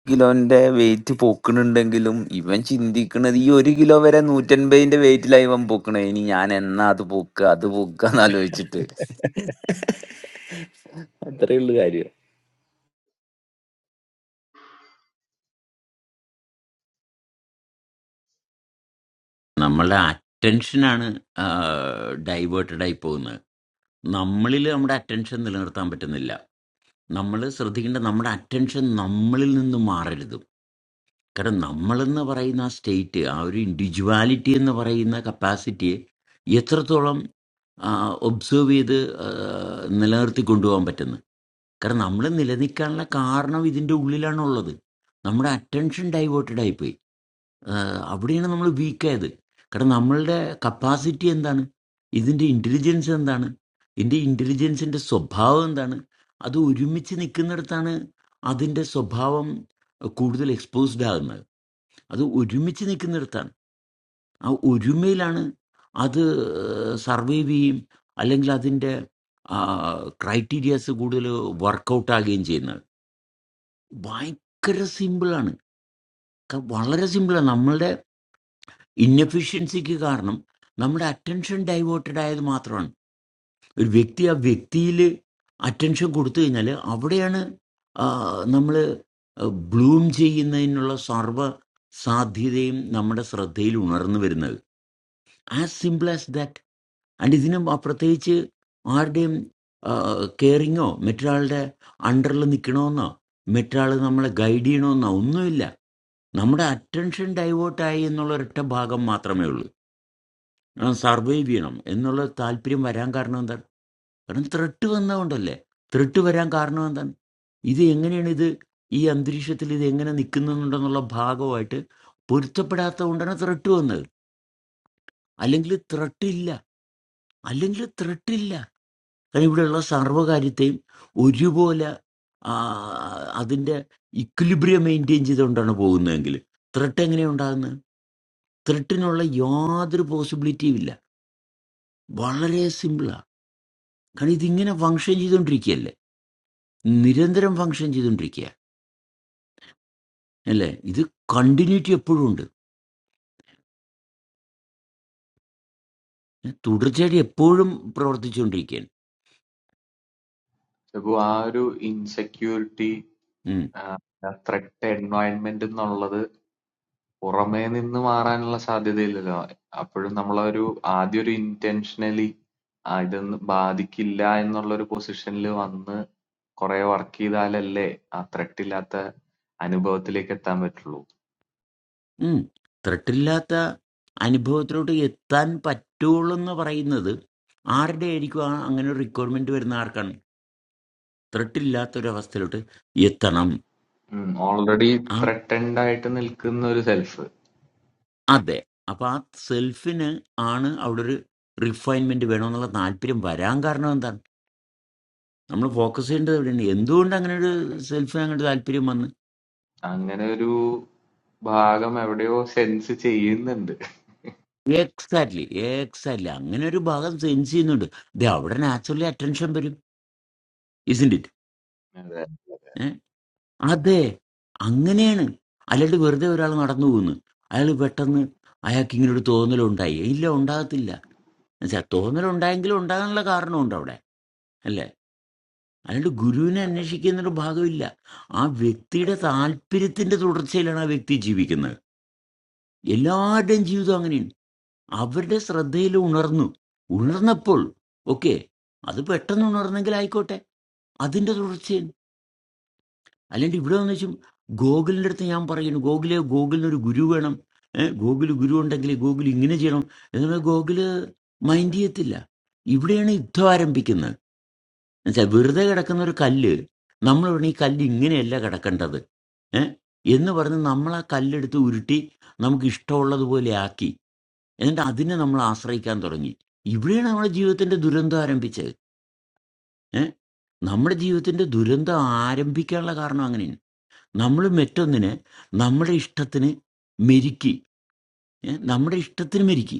കിലോന്റെ വെയിറ്റ് പൊക്കണുണ്ടെങ്കിലും ഇവൻ ചിന്തിക്കണത് ഈ ഒരു കിലോ വരെ നൂറ്റൻപതിന്റെ വെയിറ്റിലായി ഇവൻ പൊക്കണേ ഇനി ഞാൻ എന്നാ അത് പൊക്കുക അത് പൊക്കുക എന്നാലോചിച്ചിട്ട് അത്രേ ഉള്ളു കാര്യം നമ്മളുടെ അറ്റൻഷനാണ് ഡൈവേർട്ടഡ് ആയി പോകുന്നത് നമ്മളിൽ നമ്മുടെ അറ്റൻഷൻ നിലനിർത്താൻ പറ്റുന്നില്ല നമ്മൾ ശ്രദ്ധിക്കേണ്ട നമ്മുടെ അറ്റൻഷൻ നമ്മളിൽ നിന്ന് മാറരുത് കാരണം നമ്മളെന്ന് പറയുന്ന ആ സ്റ്റേറ്റ് ആ ഒരു ഇൻഡിവിജ്വാലിറ്റി എന്ന് പറയുന്ന കപ്പാസിറ്റിയെ എത്രത്തോളം ഒബ്സേർവ് ചെയ്ത് ആ, നിലനിർത്തി കൊണ്ടുപോകാൻ പറ്റുന്നു കാരണം നമ്മൾ നിലനിൽക്കാനുള്ള കാരണം ഇതിൻ്റെ ഉള്ളിലാണുള്ളത് നമ്മുടെ അറ്റൻഷൻ ഡൈവേർട്ടഡ് ആയിപ്പോയി ആഹ് അവിടെയാണ് നമ്മൾ വീക്കായത് കാരണം നമ്മളുടെ കപ്പാസിറ്റി എന്താണ് ഇതിൻ്റെ ഇൻ്റലിജൻസ് എന്താണ് ഇതിൻ്റെ ഇൻ്റലിജൻസിൻ്റെ സ്വഭാവം എന്താണ് അത് ഒരുമിച്ച് നിൽക്കുന്നിടത്താണ് അതിൻ്റെ സ്വഭാവം കൂടുതൽ എക്സ്പോസ്ഡ് ആകുന്നത് അത് ഒരുമിച്ച് നിൽക്കുന്നിടത്താണ് ആ ഒരുമയിലാണ് അത് സർവൈവ് ചെയ്യും അല്ലെങ്കിൽ അതിൻ്റെ ക്രൈറ്റീരിയാസ് കൂടുതൽ വർക്കൗട്ട് ആകുകയും ചെയ്യുന്നത് ഭയങ്കര സിമ്പിളാണ് ക- വളരെ സിമ്പിളാണ് നമ്മളുടെ ഇന്നഫിഷ്യൻസിക്ക് കാരണം നമ്മുടെ അറ്റൻഷൻ ഡൈവേർട്ടഡ് ആയത് മാത്രമാണ് ഒരു വ്യക്തി ആ വ്യക്തിയിൽ അറ്റൻഷൻ കൊടുത്തു കഴിഞ്ഞാൽ അവിടെയാണ് നമ്മൾ ബ്ലൂം ചെയ്യുന്നതിനുള്ള സർവ സാധ്യതയും നമ്മുടെ ശ്രദ്ധയിൽ ഉണർന്നു വരുന്നത് as simple as that and ഇതിനും ആ പ്രത്യേകിച്ച് ആരുടെയും കെയറിങ്ങോ മറ്റൊരാളുടെ അണ്ടറിൽ നിൽക്കണമെന്നോ മറ്റൊരാൾ നമ്മളെ ഗൈഡ് ചെയ്യണമെന്നോ ഒന്നുമില്ല നമ്മുടെ അറ്റൻഷൻ ഡൈവേർട്ടായി എന്നുള്ള ഒരൊറ്റ ഭാഗം മാത്രമേ ഉള്ളൂ സർവൈവ് ചെയ്യണം എന്നുള്ള താല്പര്യം വരാൻ കാരണം എന്താണ് കാരണം ത്രെട്ട് വന്നതുകൊണ്ടല്ലേ ത്രെട്ട് വരാൻ കാരണം എന്താണ് ഇത് എങ്ങനെയാണ് ഇത് ഈ അന്തരീക്ഷത്തിൽ ഇത് എങ്ങനെ നിൽക്കുന്നുണ്ടെന്നുള്ള ഭാഗമായിട്ട് പൊരുത്തപ്പെടാത്തത് കൊണ്ടാണ് ത്രെട്ട് വന്നത് അല്ലെങ്കിൽ ത്രെട്ട് ഇല്ല അല്ലെങ്കിൽ ത്രെട്ട് ഇല്ല കാരണം ഇവിടെയുള്ള സർവ്വകാര്യത്തെയും ഒരുപോലെ ആ, അതിൻ്റെ ഇക്വിലിബ്രിയം മെയിൻറ്റെയിൻ ചെയ്തുകൊണ്ടാണ് പോകുന്നതെങ്കിൽ ത്രെട്ട് എങ്ങനെയാണ് ഉണ്ടാകുന്നത് ത്രെട്ടിനുള്ള യാതൊരു പോസിബിലിറ്റിയും ഇല്ല വളരെ സിമ്പിളാണ് കാരണം ഇതിങ്ങനെ ഫങ്ഷൻ ചെയ്തുകൊണ്ടിരിക്കുകയല്ലേ നിരന്തരം ഫങ്ഷൻ ചെയ്തുകൊണ്ടിരിക്കുക അല്ലേ ഇത് കണ്ടിന്യൂറ്റി എപ്പോഴും ഉണ്ട് ഏ, തുടർച്ചയായിട്ട് എപ്പോഴും പ്രവർത്തിച്ചുകൊണ്ടിരിക്കുകയാണ് അപ്പൊ ആ ഒരു ഇൻസെക്യൂരിറ്റി ഉം. ത്രെട്ട് എൻവയൺമെന്റ് എന്നുള്ളത് പുറമേ നിന്ന് മാറാനുള്ള സാധ്യതയില്ലല്ലോ അപ്പോഴും നമ്മളൊരു ആദ്യം ഒരു ഇന്റൻഷനലി ഇതൊന്നും ബാധിക്കില്ല എന്നുള്ള ഒരു പൊസിഷനിൽ വന്ന് കുറെ വർക്ക് ചെയ്താലല്ലേ ആ ത്രെട്ട് ഇല്ലാത്ത അനുഭവത്തിലേക്ക് എത്താൻ പറ്റുള്ളൂ ഉം. ത്രട്ടില്ലാത്ത അനുഭവത്തിലോട്ട് എത്താൻ പറ്റുള്ളൂ എന്ന് പറയുന്നത് ആരുടെ ആയിരിക്കും ആ അങ്ങനെ ഒരു റിക്വയർമെന്റ് വരുന്ന ആർക്കാണ് ത്രട്ടില്ലാത്ത ഒരു അവസ്ഥയിലോട്ട് എത്തണം ഓൾറെഡി ആ ത്രട്ടൻഡ് ആയിട്ട് നിൽക്കുന്ന ഒരു സെൽഫ് അതെ അപ്പൊ ആ സെൽഫിന് ആണ് അവിടെ ഒരു റിഫൈൻമെന്റ് വേണമെന്നുള്ള താല്പര്യം വരാൻ കാരണം എന്താണ് നമ്മൾ ഫോക്കസ് ചെയ്യേണ്ടത് എവിടെയാണ് എന്തുകൊണ്ട് അങ്ങനെ ഒരു സെൽഫിന് അങ്ങോട്ട് താല്പര്യം വന്ന് അങ്ങനെ ഒരു ഭാഗം എവിടെയോ സെൻസ് ചെയ്യുന്നുണ്ട് എക്സാക്ട്ലി എക്സാക്ട്ലി അങ്ങനെ ഒരു ഭാഗം സെൻസ് ചെയ്യുന്നുണ്ട് ദേ അവിടെ നാച്ചുറലി അറ്റൻഷൻ വരും ഇസിൻഡ് ഇറ്റ് അതെ ഏഹ് അതെ അങ്ങനെയാണ് അല്ലാണ്ട് വെറുതെ ഒരാൾ നടന്നു പോകുന്നു അയാൾ പെട്ടെന്ന് അയാൾക്ക് ഇങ്ങനെ ഒരു തോന്നലുണ്ടായി ഇല്ല ഉണ്ടാകത്തില്ല എന്നുവെച്ചാൽ തോന്നലുണ്ടായെങ്കിലും ഉണ്ടാകാനുള്ള കാരണമുണ്ട് അവിടെ അല്ലേ അല്ലാണ്ട് ഗുരുവിനെ അന്വേഷിക്കുന്നൊരു ഭാഗമില്ല ആ വ്യക്തിയുടെ താല്പര്യത്തിന്റെ തുടർച്ചയിലാണ് ആ വ്യക്തി ജീവിക്കുന്നത് എല്ലാവരുടെയും ജീവിതം അങ്ങനെയാണ് അവരുടെ ശ്രദ്ധയിൽ ഉണർന്നു ഉണർന്നപ്പോൾ ഓക്കെ അത് പെട്ടെന്ന് ഉണർന്നെങ്കിൽ ആയിക്കോട്ടെ അതിൻ്റെ തുടർച്ചയിൽ അല്ലെങ്കിൽ ഇവിടെ വന്ന് വെച്ചും ഗോകുലിൻ്റെ അടുത്ത് ഞാൻ പറയുന്നു ഗോകുലെ ഗോകുലിന് ഒരു ഗുരു വേണം ഏഹ് ഗോകുല് ഗുരു ഉണ്ടെങ്കിൽ ഗോകുൽ ഇങ്ങനെ ചെയ്യണം എന്ന് പറഞ്ഞാൽ ഗോകുല് മൈൻഡ് ചെയ്യത്തില്ല ഇവിടെയാണ് യുദ്ധം ആരംഭിക്കുന്നത് എന്നുവെച്ചാൽ വെറുതെ കിടക്കുന്ന ഒരു കല്ല് നമ്മൾ പറഞ്ഞ ഈ കല്ല് ഇങ്ങനെയല്ല കിടക്കേണ്ടത് ഏഹ് എന്ന് പറഞ്ഞ് നമ്മൾ ആ കല്ലെടുത്ത് ഉരുട്ടി നമുക്ക് ഇഷ്ടമുള്ളതുപോലെ ആക്കി എന്നിട്ട് അതിനെ നമ്മൾ ആശ്രയിക്കാൻ തുടങ്ങി ഇവിടെയാണ് നമ്മുടെ ജീവിതത്തിന്റെ ദുരന്തം ആരംഭിച്ചത് ഏ നമ്മുടെ ജീവിതത്തിന്റെ ദുരന്തം ആരംഭിക്കാനുള്ള കാരണം അങ്ങനെയാണ് നമ്മൾ മറ്റൊന്നിനെ നമ്മുടെ ഇഷ്ടത്തിന് മെരുക്കി ഏ നമ്മുടെ ഇഷ്ടത്തിന് മെരുക്കി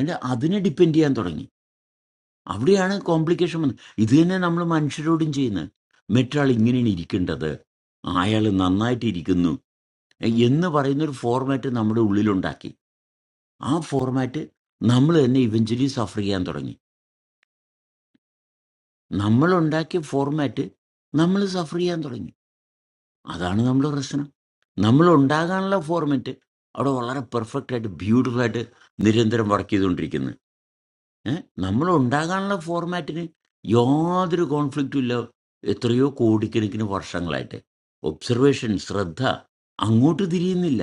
എന്നിട്ട് അതിനെ ഡിപ്പെൻഡ് ചെയ്യാൻ തുടങ്ങി അവിടെയാണ് കോംപ്ലിക്കേഷൻ വന്നത് ഇത് തന്നെ നമ്മൾ മനുഷ്യരോടും ചെയ്യുന്നത് മറ്റൊരാൾ ഇങ്ങനെയാണ് ഇരിക്കേണ്ടത് അയാൾ നന്നായിട്ട് ഇരിക്കുന്നു ഏ, എന്ന് പറയുന്ന ഒരു ഫോർമാറ്റ് നമ്മുടെ ഉള്ളിലുണ്ടാക്കി ആ ഫോർമാറ്റ് നമ്മൾ തന്നെ ഇവഞ്ചലി സഫർ ചെയ്യാൻ തുടങ്ങി നമ്മൾ ഉണ്ടാക്കിയ ഫോർമാറ്റ് നമ്മൾ സഫർ ചെയ്യാൻ തുടങ്ങി അതാണ് നമ്മുടെ പ്രശ്നം നമ്മൾ ഉണ്ടാകാനുള്ള ഫോർമാറ്റ് അവിടെ വളരെ പെർഫെക്റ്റ് ആയിട്ട് ബ്യൂട്ടിഫുൾ ആയിട്ട് നിരന്തരം വർക്ക് ചെയ്തുകൊണ്ടിരിക്കുന്നത് ഏഹ് നമ്മൾ ഉണ്ടാകാനുള്ള ഫോർമാറ്റിന് യാതൊരു കോൺഫ്ലിക്റ്റും ഇല്ല എത്രയോ കോടിക്കണക്കിന് വർഷങ്ങളായിട്ട് ഒബ്സർവേഷൻ ശ്രദ്ധ അങ്ങോട്ട് തിരിയുന്നില്ല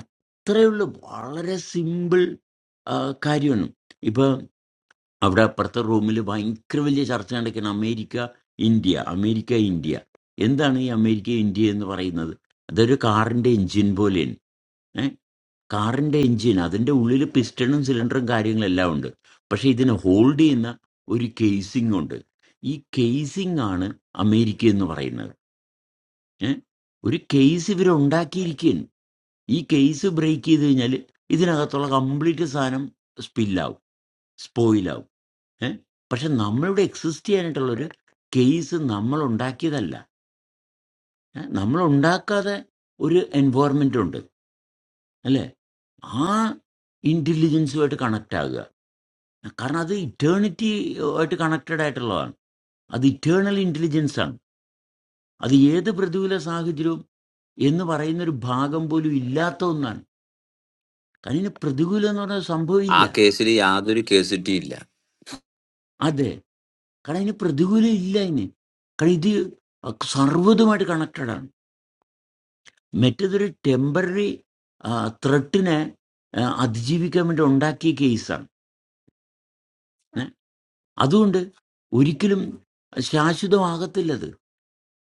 അത്രയുള്ള വളരെ സിമ്പിൾ കാര്യമാണ് ഇപ്പൊ അവിടെ അപ്പുറത്തെ റൂമിൽ ഭയങ്കര വലിയ ചർച്ച നടക്കുകയാണ് അമേരിക്ക ഇന്ത്യ അമേരിക്ക ഇന്ത്യ എന്താണ് ഈ അമേരിക്ക ഇന്ത്യ എന്ന് പറയുന്നത് അതൊരു കാറിന്റെ എഞ്ചിൻ പോലെയാണ് ഏഹ് കാറിന്റെ എഞ്ചിൻ അതിന്റെ ഉള്ളിൽ പിസ്റ്റണും സിലിണ്ടറും കാര്യങ്ങളെല്ലാം ഉണ്ട് പക്ഷെ ഇതിനെ ഹോൾഡ് ചെയ്യുന്ന ഒരു കേസിംഗ് ഉണ്ട് ഈ കേസിംഗ് ആണ് അമേരിക്ക എന്ന് പറയുന്നത് ഏഹ് ഒരു കേസ് ഇവർ ഉണ്ടാക്കിയിരിക്കുകയാണ് ഈ കേസ് ബ്രേക്ക് ചെയ്ത് കഴിഞ്ഞാൽ ഇതിനകത്തുള്ള കംപ്ലീറ്റ് സാധനം സ്പില്ലാവും സ്പോയിലാവും ഏ? പക്ഷെ നമ്മളിവിടെ എക്സിസ്റ്റ് ചെയ്യാനായിട്ടുള്ളൊരു കേസ് നമ്മൾ ഉണ്ടാക്കിയതല്ല ഏ? നമ്മൾ ഉണ്ടാക്കാതെ ഒരു എൻവയറമെൻ്റ് ഉണ്ട് അല്ലേ ആ ഇൻ്റലിജൻസുമായിട്ട് കണക്റ്റ് ആകുക കാരണം അത് ഇറ്റേണിറ്റി ആയിട്ട് കണക്റ്റഡ് ആയിട്ടുള്ളതാണ് അത് ഇറ്റേണൽ ഇൻ്റലിജൻസ് ആണ് അത് ഏത് പ്രതികൂല സാഹചര്യവും എന്ന് പറയുന്ന ഒരു ഭാഗം പോലും ഇല്ലാത്ത ഒന്നാണ് കാരണം ഇതിന് പ്രതികൂലം എന്ന് പറഞ്ഞ സംഭവം ആ ഇല്ല കേസിൽ യാതൊരു കേസിറ്റിയില്ല അതെ കാരണം ഇതിന് പ്രതികൂലം ഇല്ല ഇനി കാരണം ഇത് സർവ്വതുമായിട്ട് കണക്റ്റഡ് ആണ് മറ്റേതൊരു ടെമ്പററി ത്രെട്ടിനെ അതിജീവിക്കാൻ വേണ്ടി ഉണ്ടാക്കിയ കേസാണ് ഏ? അതുകൊണ്ട് ഒരിക്കലും ശാശ്വതമാകത്തില്ലത്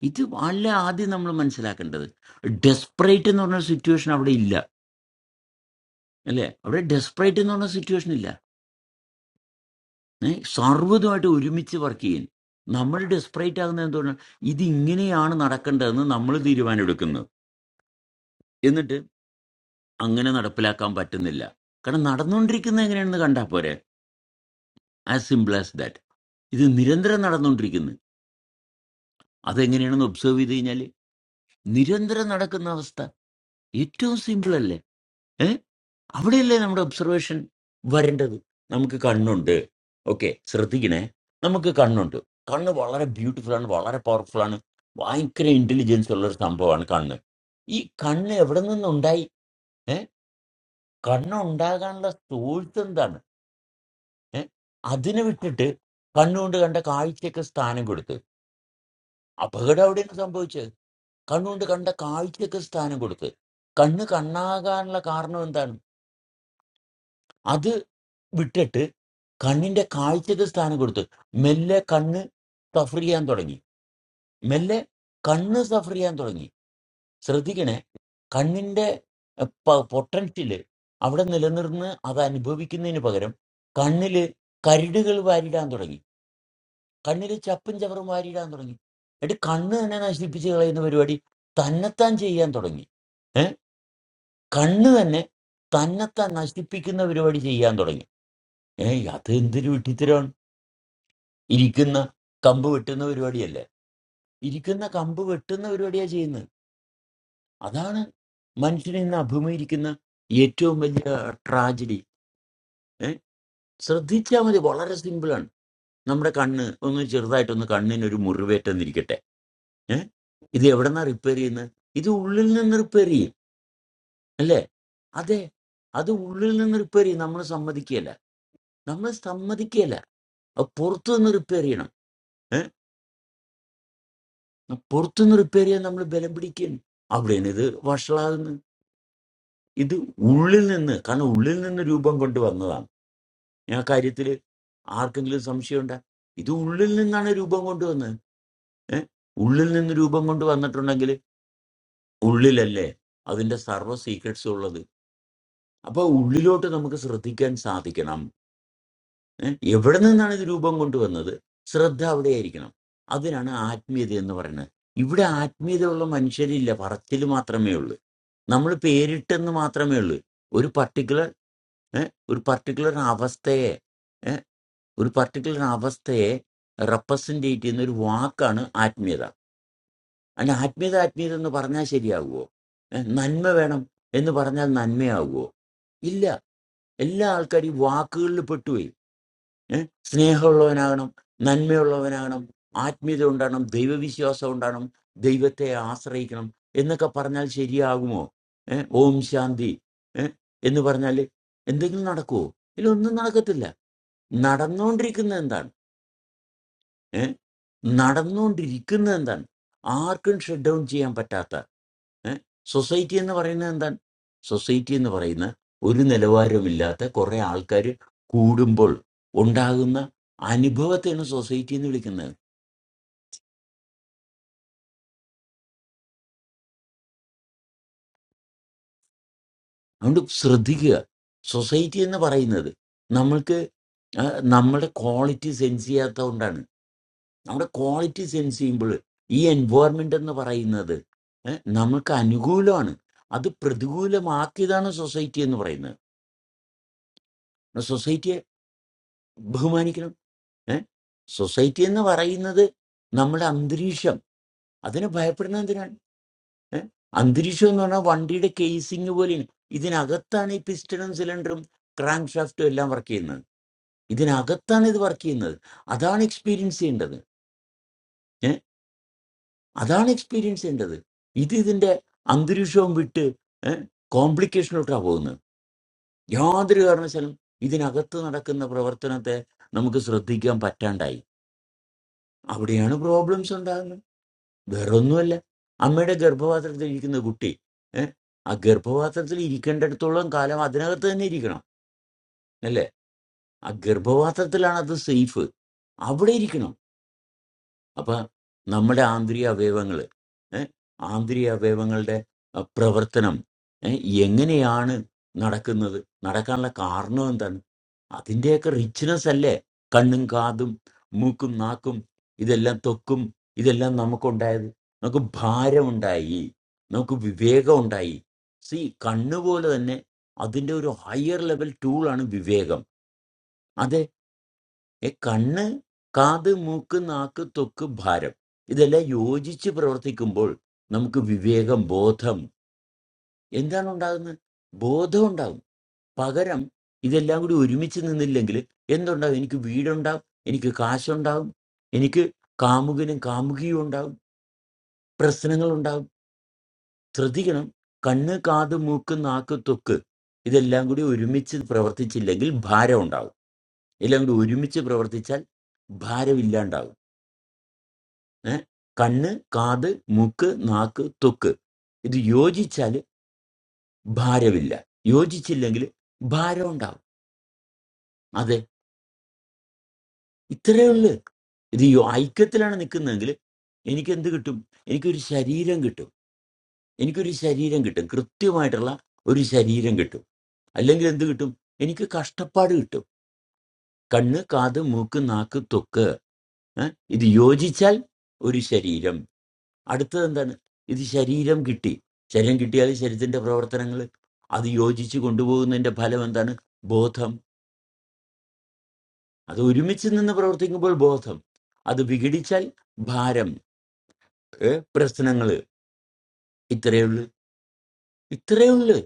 ഇത് അല്ല ആദ്യം നമ്മൾ മനസ്സിലാക്കേണ്ടത് ഡെസ്പറേറ്റ് എന്ന് പറഞ്ഞ സിറ്റുവേഷൻ അവിടെ ഇല്ല അല്ലേ അവിടെ ഡെസ്പറേറ്റ് എന്ന് പറഞ്ഞ സിറ്റുവേഷൻ ഇല്ല ഏ? സർവ്വതുമായിട്ട് ഒരുമിച്ച് വർക്ക് ചെയ്യും നമ്മൾ ഡെസ്പറേറ്റ് ആകുന്നത് എന്തുകൊണ്ടാണ് ഇത് ഇങ്ങനെയാണ് നടക്കേണ്ടതെന്ന് നമ്മൾ തീരുമാനമെടുക്കുന്നത് എന്നിട്ട് അങ്ങനെ നടപ്പിലാക്കാൻ പറ്റുന്നില്ല കാരണം നടന്നുകൊണ്ടിരിക്കുന്നത് എങ്ങനെയാണെന്ന് കണ്ടാൽ പോരെ ആസ് സിമ്പിൾ ആസ് ദാറ്റ് ഇത് നിരന്തരം നടന്നുകൊണ്ടിരിക്കുന്നു അതെങ്ങനെയാണെന്ന് ഒബ്സർവ് ചെയ്ത് കഴിഞ്ഞാൽ നിരന്തരം നടക്കുന്ന അവസ്ഥ ഏറ്റവും സിമ്പിൾ അല്ലേ ഏ അവിടെയല്ലേ നമ്മുടെ ഒബ്സർവേഷൻ വരേണ്ടത് നമുക്ക് കണ്ണുണ്ട് ഓക്കെ ശ്രദ്ധിക്കണേ നമുക്ക് കണ്ണുണ്ട് കണ്ണ് വളരെ ബ്യൂട്ടിഫുൾ ആണ് വളരെ പവർഫുൾ ആണ് ഭയങ്കര ഇന്റലിജൻസ് ഉള്ള ഒരു സംഭവമാണ് കണ്ണ് ഈ കണ്ണ് എവിടെ നിന്നുണ്ടായി ഏ കണ്ണ് ഉണ്ടാകാനുള്ള സോഴ്സ് എന്താണ് ഏ അതിനെ വിട്ടിട്ട് കണ്ണുകൊണ്ട് കണ്ട കാഴ്ചയൊക്കെ സ്ഥാനം കൊടുത്തു അപകടം അവിടെയാണ് സംഭവിച്ചത് കണ്ണുകൊണ്ട് കണ്ട കാഴ്ചക്ക് സ്ഥാനം കൊടുക്ക് കണ്ണ് കണ്ണാകാനുള്ള കാരണം എന്താണ് അത് വിട്ടിട്ട് കണ്ണിന്റെ കാഴ്ചക്ക് സ്ഥാനം കൊടുത്ത് മെല്ലെ കണ്ണ് സഫർ ചെയ്യാൻ തുടങ്ങി മെല്ലെ കണ്ണ് സഫർ ചെയ്യാൻ തുടങ്ങി ശ്രദ്ധിക്കണേ കണ്ണിന്റെ പൊട്ടൻഷ്യല് അവിടെ നിലനിർന്ന് അത് അനുഭവിക്കുന്നതിന് പകരം കണ്ണില് കരടുകൾ വാരിടാൻ തുടങ്ങി കണ്ണിൽ ചപ്പും ചവറും വാരിയിടാൻ തുടങ്ങി എടി കണ്ണ് തന്നെ നശിപ്പിച്ച് കളയുന്ന പരിപാടി തന്നെത്താൻ ചെയ്യാൻ തുടങ്ങി ഏ കണ്ണ് തന്നെ തന്നെത്താൻ നശിപ്പിക്കുന്ന പരിപാടി ചെയ്യാൻ തുടങ്ങി ഏ അത് എന്തൊരു വിട്ടിത്തരമാണ് ഇരിക്കുന്ന കമ്പ് വെട്ടുന്ന പരിപാടിയല്ലേ ഇരിക്കുന്ന കമ്പ് വെട്ടുന്ന പരിപാടിയാണ് ചെയ്യുന്നത് അതാണ് മനുഷ്യനെ ഇന്ന് അഭിമുഖീകരിക്കുന്ന ഏറ്റവും വലിയ ട്രാജഡി ഏഹ് ശ്രദ്ധിച്ചാൽ മതി വളരെ സിമ്പിളാണ് നമ്മുടെ കണ്ണ് ഒന്ന് ചെറുതായിട്ടൊന്ന് കണ്ണിന് ഒരു മുറിവേറ്റെന്നിരിക്കട്ടെ ഏഹ് ഇത് എവിടെന്നാ റിപ്പയർ ചെയ്യുന്നത് ഇത് ഉള്ളിൽ നിന്ന് റിപ്പയർ ചെയ്യും അല്ലേ അതെ അത് ഉള്ളിൽ നിന്ന് റിപ്പയർ ചെയ്യും നമ്മൾ സമ്മതിക്കുകയല്ല നമ്മൾ സമ്മതിക്കുകയല്ല അത് പുറത്തു നിന്ന് റിപ്പയർ ചെയ്യണം ഏഹ് പുറത്തു നിന്ന് റിപ്പയർ ചെയ്യാൻ നമ്മൾ ബലം പിടിക്കുകയാണ് അവിടെയാണ് ഇത് വഷളാകുന്നത് ഇത് ഉള്ളിൽ നിന്ന് കാരണം ഉള്ളിൽ നിന്ന് രൂപം കൊണ്ട് വന്നതാണ് ഞാൻ ആ കാര്യത്തിൽ ആർക്കെങ്കിലും സംശയമുണ്ടോ ഇത് ഉള്ളിൽ നിന്നാണ് രൂപം കൊണ്ടുവന്നത് ഏഹ് ഉള്ളിൽ നിന്ന് രൂപം കൊണ്ട് വന്നിട്ടുണ്ടെങ്കിൽ ഉള്ളിലല്ലേ അതിന്റെ സർവ്വ സീക്രട്സും ഉള്ളത് അപ്പൊ ഉള്ളിലോട്ട് നമുക്ക് ശ്രദ്ധിക്കാൻ സാധിക്കണം ഏ? എവിടെ നിന്നാണ് ഇത് രൂപം കൊണ്ടുവന്നത് ശ്രദ്ധ അവിടെയായിരിക്കണം അതിനാണ് ആത്മീയത എന്ന് പറയുന്നത് ഇവിടെ ആത്മീയതയുള്ള മനുഷ്യരില്ല പറച്ചിൽ മാത്രമേ ഉള്ളൂ നമ്മൾ പേരിട്ടെന്ന് മാത്രമേ ഉള്ളൂ ഒരു പർട്ടിക്കുലർ ഏഹ് ഒരു പർട്ടിക്കുലർ അവസ്ഥയെ ഏ, ഒരു പർട്ടിക്കുലർ അവസ്ഥയെ റെപ്രസെൻറ്റേറ്റ് ചെയ്യുന്ന ഒരു വാക്കാണ് ആത്മീയത അല്ല ആത്മീയത ആത്മീയത എന്ന് പറഞ്ഞാൽ ശരിയാകുമോ ഏ, നന്മ വേണം എന്ന് പറഞ്ഞാൽ നന്മയാകുമോ ഇല്ല എല്ലാ ആൾക്കാരും ഈ വാക്കുകളിൽ പെട്ടുപോയി ഏഹ് സ്നേഹമുള്ളവനാകണം നന്മയുള്ളവനാകണം ആത്മീയത ഉണ്ടാകണം ദൈവവിശ്വാസം ഉണ്ടാകണം ദൈവത്തെ ആശ്രയിക്കണം എന്നൊക്കെ പറഞ്ഞാൽ ശരിയാകുമോ ഏഹ് ഓം ശാന്തി ഏഹ് എന്ന് പറഞ്ഞാൽ എന്തെങ്കിലും നടക്കുമോ ഇതിലൊന്നും നടക്കത്തില്ല നടന്നുകൊണ്ടിരിക്കുന്നത് എന്താണ് ഏ? നടന്നുകൊണ്ടിരിക്കുന്നത് എന്താണ് ആർക്കും ഷട്ട് ഡൗൺ ചെയ്യാൻ പറ്റാത്ത ഏ? സൊസൈറ്റി എന്ന് പറയുന്നത് എന്താണ് സൊസൈറ്റി എന്ന് പറയുന്ന ഒരു നിലവാരമില്ലാത്ത കുറെ ആൾക്കാർ കൂടുമ്പോൾ ഉണ്ടാകുന്ന അനുഭവത്തെയാണ് സൊസൈറ്റി എന്ന് വിളിക്കുന്നത് അതുകൊണ്ട് ശ്രദ്ധിക്കുക സൊസൈറ്റി എന്ന് പറയുന്നത് നമ്മൾക്ക് ആ, നമ്മുടെ ക്വാളിറ്റി സെൻസ് ചെയ്യാത്തതുകൊണ്ടാണ് നമ്മുടെ ക്വാളിറ്റി സെൻസ് ചെയ്യുമ്പോൾ ഈ എൻവയോൺമെന്റ് എന്ന് പറയുന്നത് ഏ, നമുക്ക് അനുകൂലമാണ് അത് പ്രതികൂലമാക്കിയതാണ് സൊസൈറ്റി എന്ന് പറയുന്നത് സൊസൈറ്റിയെ ബഹുമാനിക്കണം ഏഹ് സൊസൈറ്റി എന്ന് പറയുന്നത് നമ്മുടെ അന്തരീക്ഷം അതിനെ ഭയപ്പെടുന്നത് എന്തിനാണ് ഏഹ് അന്തരീക്ഷം എന്ന് പറഞ്ഞാൽ വണ്ടിയുടെ കേസിങ് പോലെയാണ് ഇതിനകത്താണ് ഈ പിസ്റ്റണും സിലിണ്ടറും ക്രാങ്ക് ഷാഫ്റ്റും എല്ലാം വർക്ക് ചെയ്യുന്നത് ഇതിനകത്താണ് ഇത് വർക്ക് ചെയ്യുന്നത് അതാണ് എക്സ്പീരിയൻസ് ചെയ്യേണ്ടത് അതാണ് എക്സ്പീരിയൻസ് ചെയ്യേണ്ടത് ഇത് ഇതിന്റെ അന്തരീക്ഷവും വിട്ട് കോംപ്ലിക്കേഷനിലോട്ടാണ് പോകുന്നത് യാതൊരു കാരണവശാലും ഇതിനകത്ത് നടക്കുന്ന പ്രവർത്തനത്തെ നമുക്ക് ശ്രദ്ധിക്കാൻ പറ്റാണ്ടായി അവിടെയാണ് പ്രോബ്ലംസ് ഉണ്ടാകുന്നത് വേറെ ഒന്നുമല്ല അമ്മയുടെ ഗർഭപാത്രത്തിൽ ഇരിക്കുന്ന കുട്ടി ഏഹ് ആ ഗർഭപാത്രത്തിൽ ഇരിക്കേണ്ടിടത്തോളം കാലം അതിനകത്ത് തന്നെ ഇരിക്കണം അല്ലേ ആ ഗർഭപാത്രത്തിലാണ് അത് സേഫ് അവിടെ ഇരിക്കണം അപ്പം നമ്മുടെ ആന്തരിക അവയവങ്ങൾ ആന്തരിക അവയവങ്ങളുടെ ആ, പ്രവർത്തനം ഏ, എങ്ങനെയാണ് നടക്കുന്നത് നടക്കാനുള്ള കാരണം എന്താണ് അതിൻ്റെയൊക്കെ റിച്ച്നെസ് അല്ലേ കണ്ണും കാതും മൂക്കും നാക്കും ഇതെല്ലാം ത്വക്കും ഇതെല്ലാം നമുക്കുണ്ടായത് നമുക്ക് ഭാരമുണ്ടായി നമുക്ക് വിവേകം ഉണ്ടായി സി കണ്ണുപോലെ തന്നെ അതിൻ്റെ ഒരു ഹയർ ലെവൽ ടൂളാണ് വിവേകം ഏ കണ്ണ് കാത് മൂക്ക് നാക്ക് ത്വക്ക് ഭാരം ഇതെല്ലാം യോജിച്ച് പ്രവർത്തിക്കുമ്പോൾ നമുക്ക് വിവേകം ബോധം എന്താണ് ഉണ്ടാകുന്നത് ബോധം ഉണ്ടാകും പകരം ഇതെല്ലാം കൂടി ഒരുമിച്ച് നിന്നില്ലെങ്കിൽ എന്തുണ്ടാകും എനിക്ക് വീടുണ്ടാവും എനിക്ക് കാശുണ്ടാവും എനിക്ക് കാമുകനും കാമുകിയും ഉണ്ടാവും പ്രശ്നങ്ങൾ ഉണ്ടാവും ശ്രദ്ധിക്കണം കണ്ണ് കാത് മൂക്ക് നാക്ക് ത്വക്ക് ഇതെല്ലാം കൂടി ഒരുമിച്ച് പ്രവർത്തിച്ചില്ലെങ്കിൽ ഭാരം ഉണ്ടാവും എല്ലാം കൂടി ഒരുമിച്ച് പ്രവർത്തിച്ചാൽ ഭാരമില്ലാണ്ടാവും ഏ? കണ്ണ് കാത് മൂക്ക് നാക്ക് തൊക്ക് ഇത് യോജിച്ചാൽ ഭാരമില്ല യോജിച്ചില്ലെങ്കിൽ ഭാരം ഉണ്ടാവും അതെ ഇത്രയേ ഉള്ളൂ ഇത് യോ- ഐക്യത്തിലാണ് നിൽക്കുന്നതെങ്കിൽ എനിക്ക് എന്ത് കിട്ടും എനിക്കൊരു ശരീരം കിട്ടും എനിക്കൊരു ശരീരം കിട്ടും കൃത്യമായിട്ടുള്ള ഒരു ശരീരം കിട്ടും അല്ലെങ്കിൽ എന്ത് കിട്ടും എനിക്ക് കഷ്ടപ്പാട് കിട്ടും കണ്ണ് കാത് മൂക്ക് നാക്ക് തൊക്ക് ഏ? ഇത് യോജിച്ചാൽ ഒരു ശരീരം അടുത്തത് എന്താണ് ഇത് ശരീരം കിട്ടി ശരീരം കിട്ടിയാൽ ശരീരത്തിന്റെ പ്രവർത്തനങ്ങൾ അത് യോജിച്ച് കൊണ്ടുപോകുന്നതിന്റെ ഫലം എന്താണ് ബോധം അത് ഒരുമിച്ച് നിന്ന് പ്രവർത്തിക്കുമ്പോൾ ബോധം അത് വിഘടിച്ചാൽ ഭാരം ഏ, പ്രശ്നങ്ങള് ഇത്രയേ ഉള്ളൂ ഇത്രയേ ഉള്ളൂ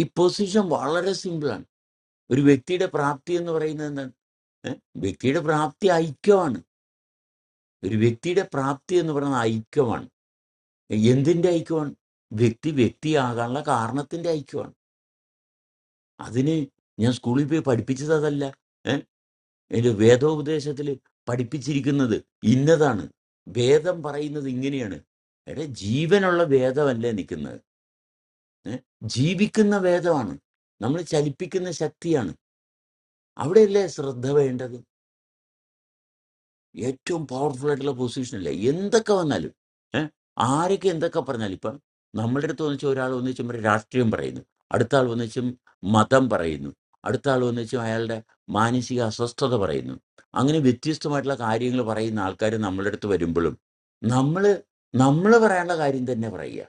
ഈ പൊസിഷൻ വളരെ സിമ്പിളാണ് ഒരു വ്യക്തിയുടെ പ്രാപ്തി എന്ന് പറയുന്നത് എന്താണ് ഏ, വ്യക്തിയുടെ പ്രാപ്തി ഐക്യമാണ് ഒരു വ്യക്തിയുടെ പ്രാപ്തി എന്ന് പറയുന്നത് ഐക്യമാണ് എന്തിന്റെ ഐക്യമാണ് വ്യക്തി വ്യക്തിയാകാനുള്ള കാരണത്തിന്റെ ഐക്യമാണ് അതിന് ഞാൻ സ്കൂളിൽ പോയി പഠിപ്പിച്ചത് അതല്ല ഏഹ് എൻ്റെ വേദോപദേശത്തിൽ പഠിപ്പിച്ചിരിക്കുന്നത് ഇന്നതാണ് വേദം പറയുന്നത് ഇങ്ങനെയാണ് എടെ ജീവനുള്ള വേദമല്ലേ നിൽക്കുന്നത് ഏഹ് ജീവിക്കുന്ന വേദമാണ് നമ്മൾ ചലിപ്പിക്കുന്ന ശക്തിയാണ് അവിടെയല്ലേ ശ്രദ്ധ വേണ്ടത് ഏറ്റവും പവർഫുൾ ആയിട്ടുള്ള പൊസിഷനല്ല എന്തൊക്കെ വന്നാലും ഏ ആരൊക്കെ എന്തൊക്കെ പറഞ്ഞാലും ഇപ്പം നമ്മളുടെ അടുത്ത് വന്നിച്ച് ഒരാൾ വന്നിച്ചും രാഷ്ട്രീയം പറയുന്നു അടുത്ത ആൾ വന്നിച്ചും മതം പറയുന്നു അടുത്ത ആൾ വന്നിച്ചും അയാളുടെ മാനസിക അസ്വസ്ഥത പറയുന്നു അങ്ങനെ വ്യത്യസ്തമായിട്ടുള്ള കാര്യങ്ങൾ പറയുന്ന ആൾക്കാർ നമ്മളുടെ അടുത്ത് വരുമ്പോഴും നമ്മൾ നമ്മൾ പറയാനുള്ള കാര്യം തന്നെ പറയുക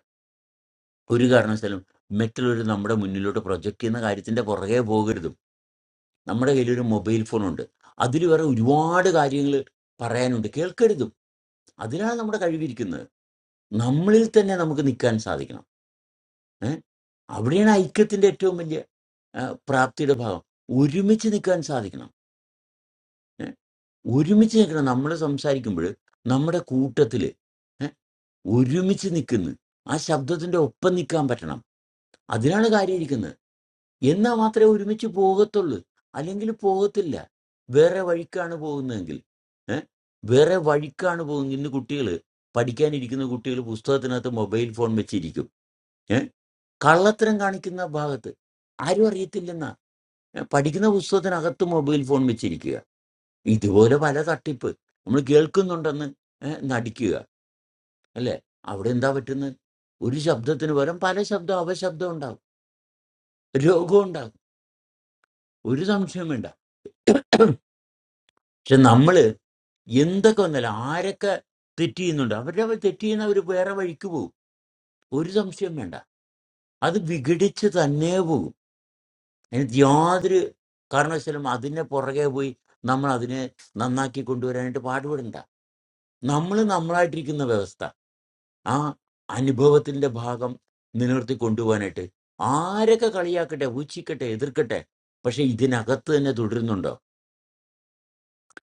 ഒരു കാരണവശാലും മറ്റുള്ളവർ നമ്മുടെ മുന്നിലോട്ട് പ്രൊജക്റ്റ് ചെയ്യുന്ന കാര്യത്തിന്റെ പുറകെ പോകരുതും നമ്മുടെ കയ്യിലൊരു മൊബൈൽ ഫോണുണ്ട് അതിൽ വേറെ ഒരുപാട് കാര്യങ്ങൾ പറയാനുണ്ട് കേൾക്കരുത് അതിലാണ് നമ്മുടെ കഴിവിരിക്കുന്നത് നമ്മളിൽ തന്നെ നമുക്ക് നിൽക്കാൻ സാധിക്കണം ഏഹ് അവിടെയാണ് ഐക്യത്തിന്റെ ഏറ്റവും വലിയ ആ, പ്രാപ്തിയുടെ ഭാഗം ഒരുമിച്ച് നിൽക്കാൻ സാധിക്കണം ഏ? ഒരുമിച്ച് നിൽക്കണം നമ്മൾ സംസാരിക്കുമ്പോൾ നമ്മുടെ കൂട്ടത്തിൽ ഏഹ് ഒരുമിച്ച് നിൽക്കുന്നു ആ ശബ്ദത്തിന്റെ ഒപ്പം നിൽക്കാൻ പറ്റണം അതിനാണ് കാര്യമിരിക്കുന്നത് എന്നാൽ മാത്രമേ ഒരുമിച്ച് പോകത്തുള്ളൂ അല്ലെങ്കിൽ പോകത്തില്ല വേറെ വഴിക്കാണ് പോകുന്നതെങ്കിൽ ഏ? വേറെ വഴിക്കാണ് പോകുന്നത് ഇന്ന് കുട്ടികൾ പഠിക്കാനിരിക്കുന്ന കുട്ടികൾ പുസ്തകത്തിനകത്ത് മൊബൈൽ ഫോൺ വെച്ചിരിക്കുക ഏ? കള്ളത്തരം കാണിക്കുന്ന ഭാഗത്ത് ആരും അറിയത്തില്ലെന്നാ ഏ? പഠിക്കുന്ന പുസ്തകത്തിനകത്ത് മൊബൈൽ ഫോൺ വെച്ചിരിക്കുക ഇതുപോലെ പല തട്ടിപ്പ് നമ്മൾ കേൾക്കുന്നുണ്ടെന്ന് ഏ? നടിക്കുക അല്ലെ അവിടെ എന്താ പറ്റുന്നത് ഒരു ശബ്ദത്തിന് പകരം പല ശബ്ദം അപശബ്ദം ഉണ്ടാകും രോഗം ഉണ്ടാകും ഒരു സംശയം വേണ്ട പക്ഷെ നമ്മള് എന്തൊക്കെ വന്നാലും ആരൊക്കെ തെറ്റ് ചെയ്യുന്നുണ്ട് അവരുടെ തെറ്റ് ചെയ്യുന്നവർ വേറെ വഴിക്ക് പോകും ഒരു സംശയം വേണ്ട അത് വിഘടിച്ച് തന്നെ പോകും എനിക്ക് യാതൊരു കാരണവശാലും അതിൻ്റെ പുറകെ പോയി നമ്മൾ അതിനെ നന്നാക്കി കൊണ്ടുവരാനായിട്ട് പാടുപെടണ്ട നമ്മൾ നമ്മളായിട്ടിരിക്കുന്ന വ്യവസ്ഥ ആ അനുഭവത്തിന്റെ ഭാഗം നിലനിർത്തി കൊണ്ടുപോകാനായിട്ട് ആരൊക്കെ കളിയാക്കട്ടെ ഊച്ചിക്കട്ടെ എതിർക്കട്ടെ പക്ഷെ ഇതിനകത്ത് തന്നെ തുടരുന്നുണ്ടോ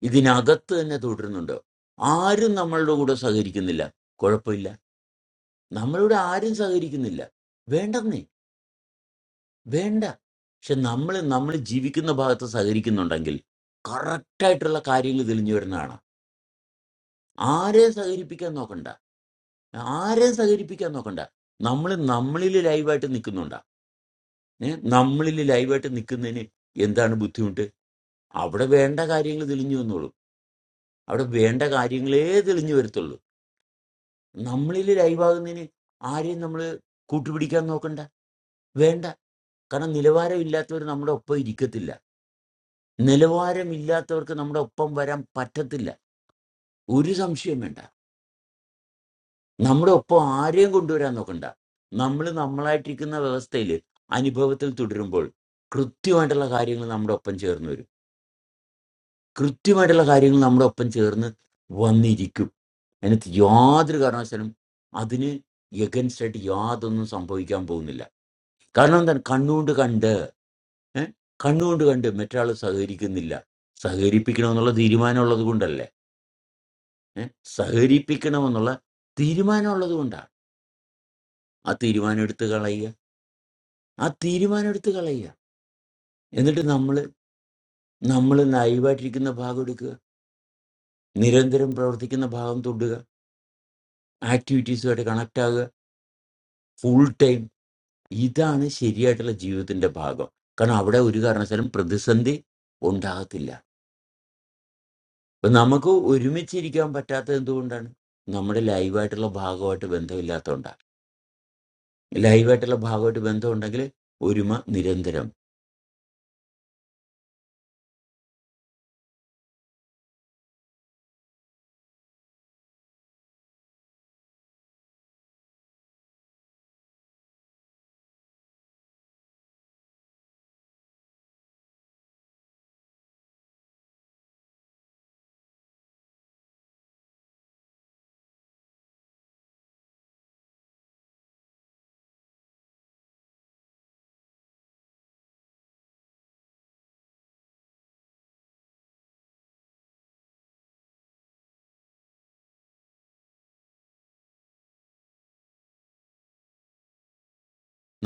ഇതിനകത്ത് തന്നെ തുടരുന്നുണ്ടോ ആരും നമ്മളുടെ കൂടെ സഹകരിക്കുന്നില്ല കുഴപ്പമില്ല നമ്മളിവിടെ ആരും സഹകരിക്കുന്നില്ല വേണ്ടെന്നേ വേണ്ട പക്ഷെ നമ്മൾ നമ്മൾ ജീവിക്കുന്ന ഭാഗത്ത് സഹകരിക്കുന്നുണ്ടെങ്കിൽ കറക്റ്റായിട്ടുള്ള കാര്യങ്ങൾ തെളിഞ്ഞു വരുന്നതാണ് ആരെയും സഹകരിപ്പിക്കാൻ നോക്കണ്ട ആരെയും സഹകരിപ്പിക്കാൻ നോക്കണ്ട നമ്മൾ നമ്മളിൽ ലൈവായിട്ട് നിൽക്കുന്നുണ്ടാ ഏ നമ്മളിൽ ലൈവായിട്ട് നിൽക്കുന്നതിന് എന്താണ് ബുദ്ധിമുട്ട് അവിടെ വേണ്ട കാര്യങ്ങൾ തെളിഞ്ഞു വന്നോളൂ അവിടെ വേണ്ട കാര്യങ്ങളേ തെളിഞ്ഞു വരത്തുള്ളൂ നമ്മളിൽ ലൈവാകുന്നതിന് ആരെയും നമ്മൾ കൂട്ടുപിടിക്കാൻ നോക്കണ്ട വേണ്ട കാരണം നിലവാരമില്ലാത്തവർ നമ്മുടെ ഒപ്പം ഇരിക്കത്തില്ല നിലവാരമില്ലാത്തവർക്ക് നമ്മുടെ ഒപ്പം വരാൻ പറ്റത്തില്ല ഒരു സംശയം വേണ്ട നമ്മുടെ ഒപ്പം ആരെയും കൊണ്ടുവരാൻ നോക്കണ്ട നമ്മൾ നമ്മളായിട്ടിരിക്കുന്ന വ്യവസ്ഥയിൽ അനുഭവത്തിൽ തുടരുമ്പോൾ കൃത്യമായിട്ടുള്ള കാര്യങ്ങൾ നമ്മുടെ ഒപ്പം ചേർന്ന് വരും കൃത്യമായിട്ടുള്ള കാര്യങ്ങൾ നമ്മുടെ ഒപ്പം ചേർന്ന് വന്നിരിക്കും അതിനകത്ത് യാതൊരു കാരണവശാലും അതിന് എഗൻസ്റ്റ് ആയിട്ട് യാതൊന്നും സംഭവിക്കാൻ പോകുന്നില്ല കാരണം എന്താണ് കണ്ണുകൊണ്ട് കണ്ട് ഏ? കണ്ണുകൊണ്ട് കണ്ട് മറ്റൊരാൾ സഹകരിക്കുന്നില്ല സഹകരിപ്പിക്കണമെന്നുള്ള തീരുമാനമുള്ളത് കൊണ്ടല്ലേ ഏ, സഹകരിപ്പിക്കണമെന്നുള്ള തീരുമാനമുള്ളത് കൊണ്ടാണ് ആ തീരുമാനം എടുത്ത് കളയുക ആ തീരുമാനം എടുത്ത് കളയുക എന്നിട്ട് നമ്മൾ നമ്മൾ നൈവായിട്ടിരിക്കുന്ന ഭാഗം എടുക്കുക നിരന്തരം പ്രവർത്തിക്കുന്ന ഭാഗം തൊടുക ആക്ടിവിറ്റീസുമായിട്ട് കണക്ട് ആകുക ഫുൾ ടൈം ഇതാണ് ശരിയായിട്ടുള്ള ജീവിതത്തിന്റെ ഭാഗം കാരണം അവിടെ ഒരു കാരണവശാലും പ്രതിസന്ധി ഉണ്ടാകത്തില്ല അപ്പൊ നമുക്ക് ഒരുമിച്ചിരിക്കാൻ പറ്റാത്തത് എന്തുകൊണ്ടാണ് നമ്മുടെ ലൈവായിട്ടുള്ള ഭാഗമായിട്ട് ബന്ധമില്ലാത്തതുകൊണ്ടാണ് ലൈവായിട്ടുള്ള ഭാഗമായിട്ട് ബന്ധമുണ്ടെങ്കിൽ ഒരുമ നിരന്തരം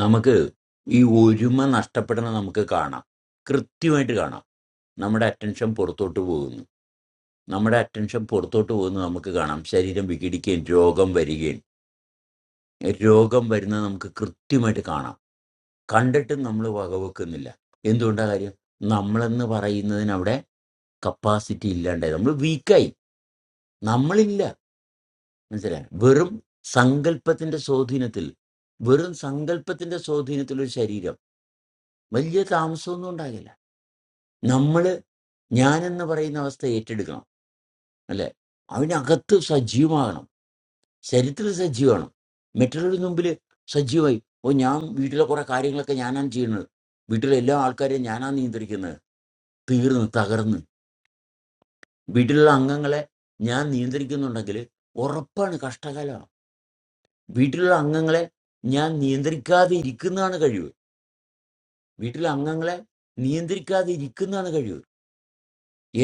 നമുക്ക് ഈ ഒരുമ നഷ്ടപ്പെടുന്നത് നമുക്ക് കാണാം കൃത്യമായിട്ട് കാണാം നമ്മുടെ അറ്റൻഷൻ പുറത്തോട്ട് പോകുന്നു നമ്മുടെ അറ്റൻഷൻ പുറത്തോട്ട് പോകുന്നത് നമുക്ക് കാണാം ശരീരം വിഘടിക്കുകയും രോഗം വരികയും രോഗം വരുന്നത് നമുക്ക് കൃത്യമായിട്ട് കാണാം കണ്ടിട്ടും നമ്മൾ വകവെക്കുന്നില്ല എന്തുകൊണ്ടാ കാര്യം നമ്മളെന്ന് പറയുന്നതിന് അവിടെ കപ്പാസിറ്റി ഇല്ലാണ്ടായി നമ്മൾ വീക്കായി നമ്മളില്ല മനസ്സിലായി വെറും സങ്കല്പത്തിന്റെ സ്വാധീനത്തിൽ വെറും സങ്കല്പത്തിന്റെ സ്വാധീനത്തിൽ ഒരു ശരീരം വലിയ താമസമൊന്നും ഉണ്ടാകില്ല നമ്മൾ ഞാനെന്ന് പറയുന്ന അവസ്ഥ ഏറ്റെടുക്കണം അല്ലെ അതിനകത്ത് സജീവമാകണം ശരീരത്തിൽ സജീവമാണ് മറ്റുള്ളവരുടെ മുമ്പിൽ സജീവമായി ഓ ഞാൻ വീട്ടിലെ കുറെ കാര്യങ്ങളൊക്കെ ഞാനാണ് ചെയ്യുന്നത് വീട്ടിലെ എല്ലാ ആൾക്കാരെയും ഞാനാണ് നിയന്ത്രിക്കുന്നത് തീർന്ന് തകർന്ന് വീട്ടിലുള്ള അംഗങ്ങളെ ഞാൻ നിയന്ത്രിക്കുന്നുണ്ടെങ്കിൽ ഉറപ്പാണ് കഷ്ടകാലമാണ് വീട്ടിലുള്ള അംഗങ്ങളെ ഞാൻ നിയന്ത്രിക്കാതെ ഇരിക്കുന്നതാണ് കഴിവ് വീട്ടിലെ അംഗങ്ങളെ നിയന്ത്രിക്കാതെ ഇരിക്കുന്നതാണ് കഴിവ്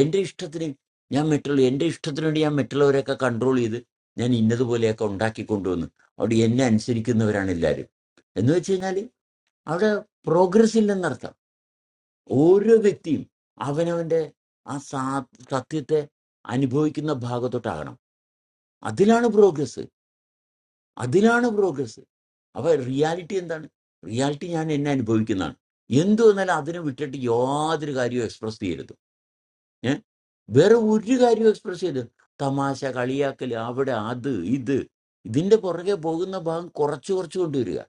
എൻ്റെ ഇഷ്ടത്തിന് ഞാൻ മറ്റുള്ള എൻ്റെ ഇഷ്ടത്തിന് വേണ്ടി ഞാൻ മറ്റുള്ളവരെയൊക്കെ കൺട്രോൾ ചെയ്ത് ഞാൻ ഇന്നതുപോലെയൊക്കെ ഉണ്ടാക്കി കൊണ്ടുവന്നു അവിടെ എന്നെ അനുസരിക്കുന്നവരാണ് എല്ലാവരും എന്ന് വെച്ച് കഴിഞ്ഞാൽ അവിടെ പ്രോഗ്രസ് ഇല്ലെന്നർത്ഥം ഓരോ വ്യക്തിയും അവനവൻ്റെ ആ സാ സത്യത്തെ അനുഭവിക്കുന്ന ഭാഗത്തോട്ടാകണം അതിലാണ് പ്രോഗ്രസ് അതിലാണ് പ്രോഗ്രസ് അപ്പൊ റിയാലിറ്റി എന്താണ് റിയാലിറ്റി ഞാൻ എന്നെ അനുഭവിക്കുന്നതാണ് എന്തു വന്നാലും അതിനെ വിട്ടിട്ട് യാതൊരു കാര്യവും എക്സ്പ്രസ് ചെയ്യരുത് ഏ വേറെ ഒരു കാര്യവും എക്സ്പ്രസ് ചെയ്ത് തമാശ കളിയാക്കൽ അവിടെ അത് ഇത് ഇതിന്റെ പുറകെ പോകുന്ന ഭാഗം കുറച്ച് കുറച്ച് കൊണ്ടുവരിക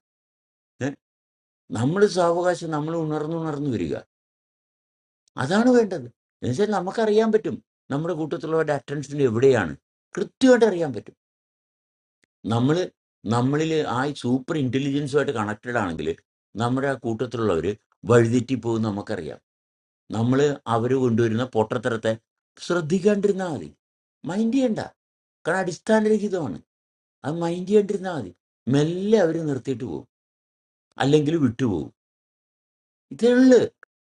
ഏഹ് നമ്മുടെ സാവകാശം നമ്മൾ ഉണർന്നുണർന്നു വരിക അതാണ് വേണ്ടത് എന്നുവെച്ചാൽ നമുക്കറിയാൻ പറ്റും നമ്മുടെ കൂട്ടത്തിലുള്ളവരുടെ അറ്റൻഷൻ എവിടെയാണ് കൃത്യമായിട്ട് അറിയാൻ പറ്റും നമ്മൾ നമ്മളിൽ ആ സൂപ്പർ ഇന്റലിജൻസുമായിട്ട് കണക്റ്റഡ് ആണെങ്കിൽ നമ്മുടെ ആ കൂട്ടത്തിലുള്ളവർ വഴിതെറ്റിപ്പോകും നമുക്കറിയാം നമ്മൾ അവർ കൊണ്ടുവരുന്ന പൊട്ടത്തരത്തെ ശ്രദ്ധിക്കാണ്ടിരുന്നാൽ മതി മൈൻഡ് ചെയ്യണ്ട കാരണം അടിസ്ഥാനരഹിതമാണ് അത് മൈൻഡ് ചെയ്യാണ്ടിരുന്നാൽ മതി മെല്ലെ അവർ നിർത്തിയിട്ട് പോകും അല്ലെങ്കിൽ വിട്ടുപോകും ഇതേ ഉള്ളു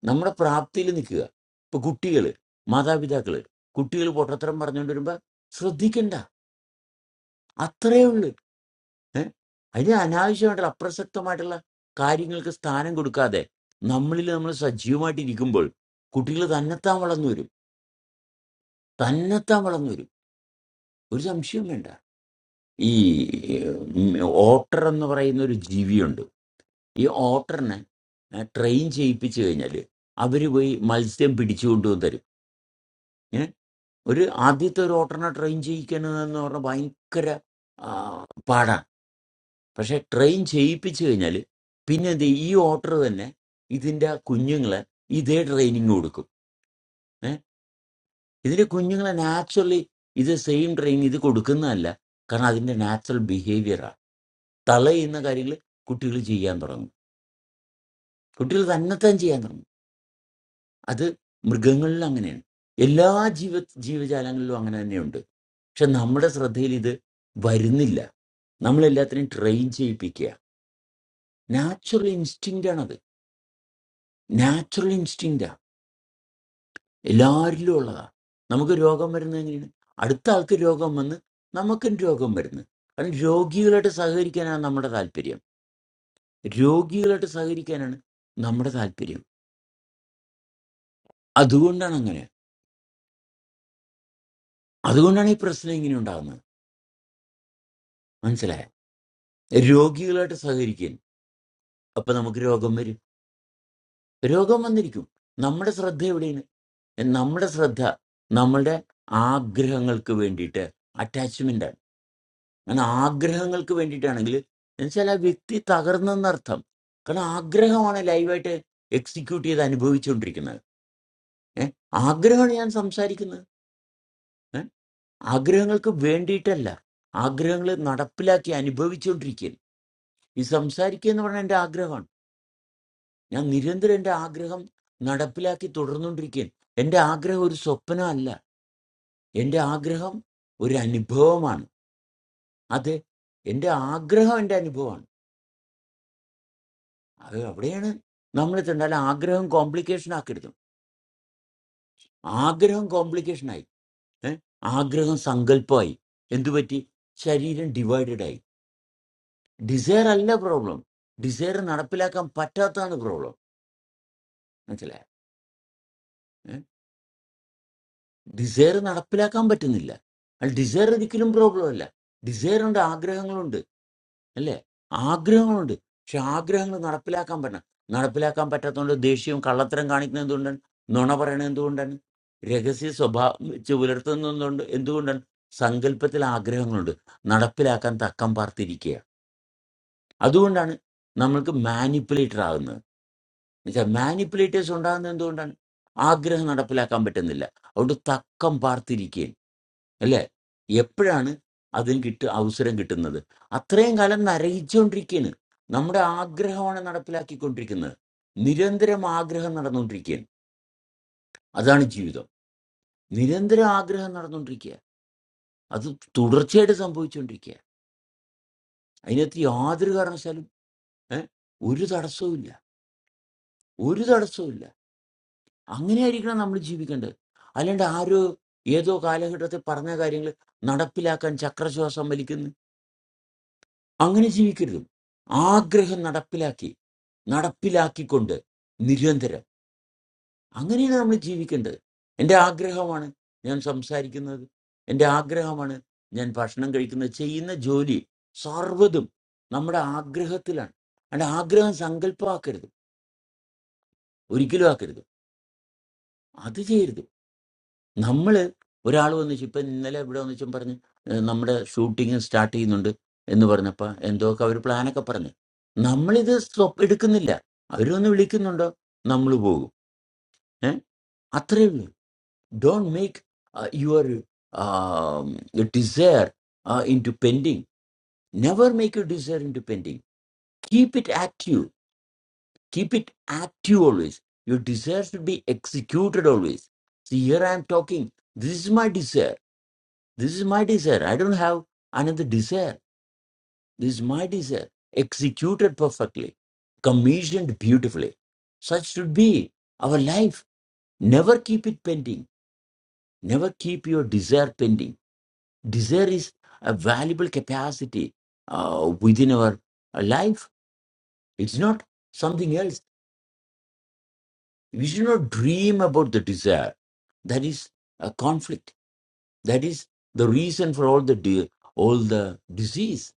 നമ്മുടെ പ്രാപ്തിയിൽ നിൽക്കുക ഇപ്പൊ കുട്ടികൾ മാതാപിതാക്കൾ കുട്ടികൾ പൊട്ടത്തരം പറഞ്ഞുകൊണ്ട് വരുമ്പോൾ ശ്രദ്ധിക്കണ്ട അത്രയേ ഉള്ളു ഏഹ് അതിന് അനാവശ്യമായിട്ടുള്ള അപ്രസക്തമായിട്ടുള്ള കാര്യങ്ങൾക്ക് സ്ഥാനം കൊടുക്കാതെ നമ്മളിൽ നമ്മൾ സജീവമായിട്ട് ഇരിക്കുമ്പോൾ കുട്ടികൾ തന്നെത്താൻ വളർന്നു വരും തന്നെത്താൻ വളർന്നു വരും ഒരു സംശയവും വേണ്ട ഈ ഉം, ഓട്ടർ എന്ന് പറയുന്ന ഒരു ജീവിയുണ്ട് ഈ ഓട്ടറിനെ ഏ, ട്രെയിൻ ചെയ്യിപ്പിച്ചു കഴിഞ്ഞാൽ അവർ പോയി മത്സ്യം പിടിച്ചു കൊണ്ടുവന്ന് തരും ഏ? ഒരു ആദ്യത്തെ ഒരു ഓട്ടറിനെ ട്രെയിൻ ചെയ്യിക്കണമെന്ന് പറഞ്ഞാൽ ഭയങ്കര ആ, പാടാണ് പക്ഷെ ട്രെയിൻ ചെയ്യിപ്പിച്ചു കഴിഞ്ഞാൽ പിന്നെ എന്ത് ചെയ്യും? ഈ ഓട്ടർ തന്നെ ഇതിൻ്റെ കുഞ്ഞുങ്ങളെ ഇതേ ട്രെയിനിങ് കൊടുക്കും ഇതിന് കുഞ്ഞുങ്ങളെ നാച്ചുറലി ഇത് സെയിം ട്രെയിൻ ഇത് കൊടുക്കുന്നതല്ല കാരണം അതിൻ്റെ നാച്ചുറൽ ബിഹേവിയറാണ് തളയുന്ന കാര്യങ്ങൾ കുട്ടികൾ ചെയ്യാൻ തുടങ്ങും കുട്ടികൾ തന്നെത്താൻ ചെയ്യാൻ തുടങ്ങും അത് മൃഗങ്ങളിൽ അങ്ങനെയാണ് എല്ലാ ജീവ ജീവജാലങ്ങളിലും അങ്ങനെ തന്നെയുണ്ട് പക്ഷെ നമ്മുടെ ശ്രദ്ധയിൽ ഇത് വരുന്നില്ല നമ്മളെല്ലാത്തിനെയും ട്രെയിൻ ചെയ്യിപ്പിക്കുക നാച്ചുറൽ ഇൻസ്റ്റിങ്റ്റ് ആണത് നാച്ചുറൽ ഇൻസ്റ്റിങ്. എല്ലാവരിലും ഉള്ളതാണ് നമുക്ക് രോഗം വരുന്നത് എങ്ങനെയാണ് അടുത്ത ആൾക്ക് രോഗം വന്ന് നമുക്കും രോഗം വരുന്നത് കാരണം രോഗികളായിട്ട് സഹകരിക്കാനാണ് നമ്മുടെ താല്പര്യം രോഗികളായിട്ട് സഹകരിക്കാനാണ് നമ്മുടെ താല്പര്യം അതുകൊണ്ടാണ് അങ്ങനെ അതുകൊണ്ടാണ് ഈ പ്രശ്നം ഇങ്ങനെ ഉണ്ടാകുന്നത് മനസ്സിലായ രോഗികളായിട്ട് സഹകരിക്കാൻ അപ്പൊ നമുക്ക് രോഗം വരും രോഗം വന്നിരിക്കും നമ്മുടെ ശ്രദ്ധ എവിടെയാണ് നമ്മുടെ ശ്രദ്ധ നമ്മളുടെ ആഗ്രഹങ്ങൾക്ക് വേണ്ടിയിട്ട് അറ്റാച്ച്മെന്റ് ആണ് അങ്ങനെ ആഗ്രഹങ്ങൾക്ക് വേണ്ടിയിട്ടാണെങ്കിൽ എന്നുവെച്ചാൽ ആ വ്യക്തി തകർന്നെന്നർത്ഥം കാരണം ആഗ്രഹമാണ് ലൈവായിട്ട് എക്സിക്യൂട്ട് ചെയ്ത് അനുഭവിച്ചുകൊണ്ടിരിക്കുന്നത് ഏ ആഗ്രഹമാണ് ഞാൻ സംസാരിക്കുന്നത് ഏ ആഗ്രഹങ്ങൾക്ക് വേണ്ടിയിട്ടല്ല ആഗ്രഹങ്ങൾ നടപ്പിലാക്കി അനുഭവിച്ചുകൊണ്ടിരിക്കുകയാണ് ഈ സംസാരിക്കുക എന്ന് പറഞ്ഞാൽ എൻ്റെ ആഗ്രഹമാണ് ഞാൻ നിരന്തരം എൻ്റെ ആഗ്രഹം നടപ്പിലാക്കി തുടർന്നുകൊണ്ടിരിക്കുകയാണ് എൻ്റെ ആഗ്രഹം ഒരു സ്വപ്നമല്ല എൻ്റെ ആഗ്രഹം ഒരു അനുഭവമാണ് അത് എൻ്റെ ആഗ്രഹം എൻ്റെ അനുഭവമാണ് അത് അവിടെയാണ് നമ്മൾ എത്തേണ്ടത് അല്ല ആഗ്രഹം കോംപ്ലിക്കേഷൻ ആക്കരുത് ആഗ്രഹം കോംപ്ലിക്കേഷൻ ആയി ഏ? ആഗ്രഹം സങ്കല്പമായി എന്തുപറ്റി ശരീരം ഡിവൈഡഡ് ആയി ഡിസയർ അല്ല പ്രോബ്ലം ഡിസയർ നടപ്പിലാക്കാൻ പറ്റാത്തതാണ് പ്രോബ്ലം മനസ്സിലായോ ഡിസയർ നടപ്പിലാക്കാൻ പറ്റുന്നില്ല അല്ല ഡിസയർ ഒരിക്കലും പ്രോബ്ലം അല്ല ഡിസയറുണ്ട് ആഗ്രഹങ്ങളുണ്ട് അല്ലേ ആഗ്രഹങ്ങളുണ്ട് പക്ഷെ ആഗ്രഹങ്ങൾ നടപ്പിലാക്കാൻ പറ്റണം നടപ്പിലാക്കാൻ പറ്റാത്തതുകൊണ്ട് ദേഷ്യവും കള്ളത്തരം കാണിക്കുന്നത് എന്തുകൊണ്ടാണ് നുണ പറയണത് എന്തുകൊണ്ടാണ് രഹസ്യ സ്വഭാവം വെച്ച് പുലർത്തുന്നതുകൊണ്ട് എന്തുകൊണ്ടാണ് സങ്കല്പത്തിൽ ആഗ്രഹങ്ങളുണ്ട് നടപ്പിലാക്കാൻ തക്കം പാർത്തിരിക്കുക അതുകൊണ്ടാണ് നമ്മൾക്ക് മാനിപ്പുലേറ്റർ ആകുന്നത് എന്നുവെച്ചാൽ മാനിപ്പുലേറ്റേഴ്സ് ഉണ്ടാകുന്നത് എന്തുകൊണ്ടാണ് ആഗ്രഹം നടപ്പിലാക്കാൻ പറ്റുന്നില്ല അതുകൊണ്ട് തക്കം പാർത്തിരിക്കുക അല്ലേ എപ്പോഴാണ് അതിന് കിട്ട അവസരം കിട്ടുന്നത് അത്രയും കാലം നരകിച്ചുകൊണ്ടിരിക്കുകയാണ് നമ്മുടെ ആഗ്രഹമാണ് നടപ്പിലാക്കിക്കൊണ്ടിരിക്കുന്നത് നിരന്തരം ആഗ്രഹം നടന്നുകൊണ്ടിരിക്കുകയാണ് അതാണ് ജീവിതം നിരന്തരം ആഗ്രഹം നടന്നുകൊണ്ടിരിക്കുക അത് തുടർച്ചയായിട്ട് സംഭവിച്ചുകൊണ്ടിരിക്കുക അതിനകത്ത് യാതൊരു കാരണവശാലും ഏ, ഒരു തടസ്സവും ഇല്ല ഒരു തടസ്സവും ഇല്ല അങ്ങനെയായിരിക്കണം നമ്മൾ ജീവിക്കേണ്ടത് അല്ലാണ്ട് ആരോ ഏതോ കാലഘട്ടത്തിൽ പറഞ്ഞ കാര്യങ്ങൾ നടപ്പിലാക്കാൻ ചക്രശ്വാസം വലിക്കുന്നു അങ്ങനെ ജീവിക്കരുത് ആഗ്രഹം നടപ്പിലാക്കി നടപ്പിലാക്കിക്കൊണ്ട് നിരന്തരം അങ്ങനെയാണ് നമ്മൾ ജീവിക്കേണ്ടത് എൻ്റെ ആഗ്രഹമാണ് ഞാൻ സംസാരിക്കുന്നത് എൻ്റെ ആഗ്രഹമാണ് ഞാൻ ഭക്ഷണം കഴിക്കുന്നത് ചെയ്യുന്ന ജോലി സർവ്വതും നമ്മുടെ ആഗ്രഹത്തിലാണ് അതിൻ്റെ ആഗ്രഹം സങ്കല്പമാക്കരുത് ഒരിക്കലും ആക്കരുത് അത് ചെയ്യരുത് നമ്മൾ ഒരാൾ വന്നിച്ച് ഇപ്പം ഇന്നലെ ഇവിടെ വന്നിച്ചും പറഞ്ഞ് ഏഹ് നമ്മുടെ ഷൂട്ടിങ് സ്റ്റാർട്ട് ചെയ്യുന്നുണ്ട് എന്ന് പറഞ്ഞപ്പോൾ എന്തോക്കെ അവർ പ്ലാനൊക്കെ പറഞ്ഞ് നമ്മളിത് സ്റ്റോപ്പ് എടുക്കുന്നില്ല അവരൊന്ന് വിളിക്കുന്നുണ്ടോ നമ്മൾ പോകും ഏഹ് അത്രയേ ഉള്ളൂ don't make your desire into pending never make you desire into pending keep it active keep it active always your desire should be executed always here I'm talking this is my desire This is my desire. I don't have another desire. This is my desire. Executed perfectly, commissioned beautifully. Such should be our life. Never keep it pending. Never keep your desire pending. Desire is a valuable capacity uh, within our uh, life. It's not something else. We should not dream about the desire. That is a conflict. That is the reason for all the de- all the disease.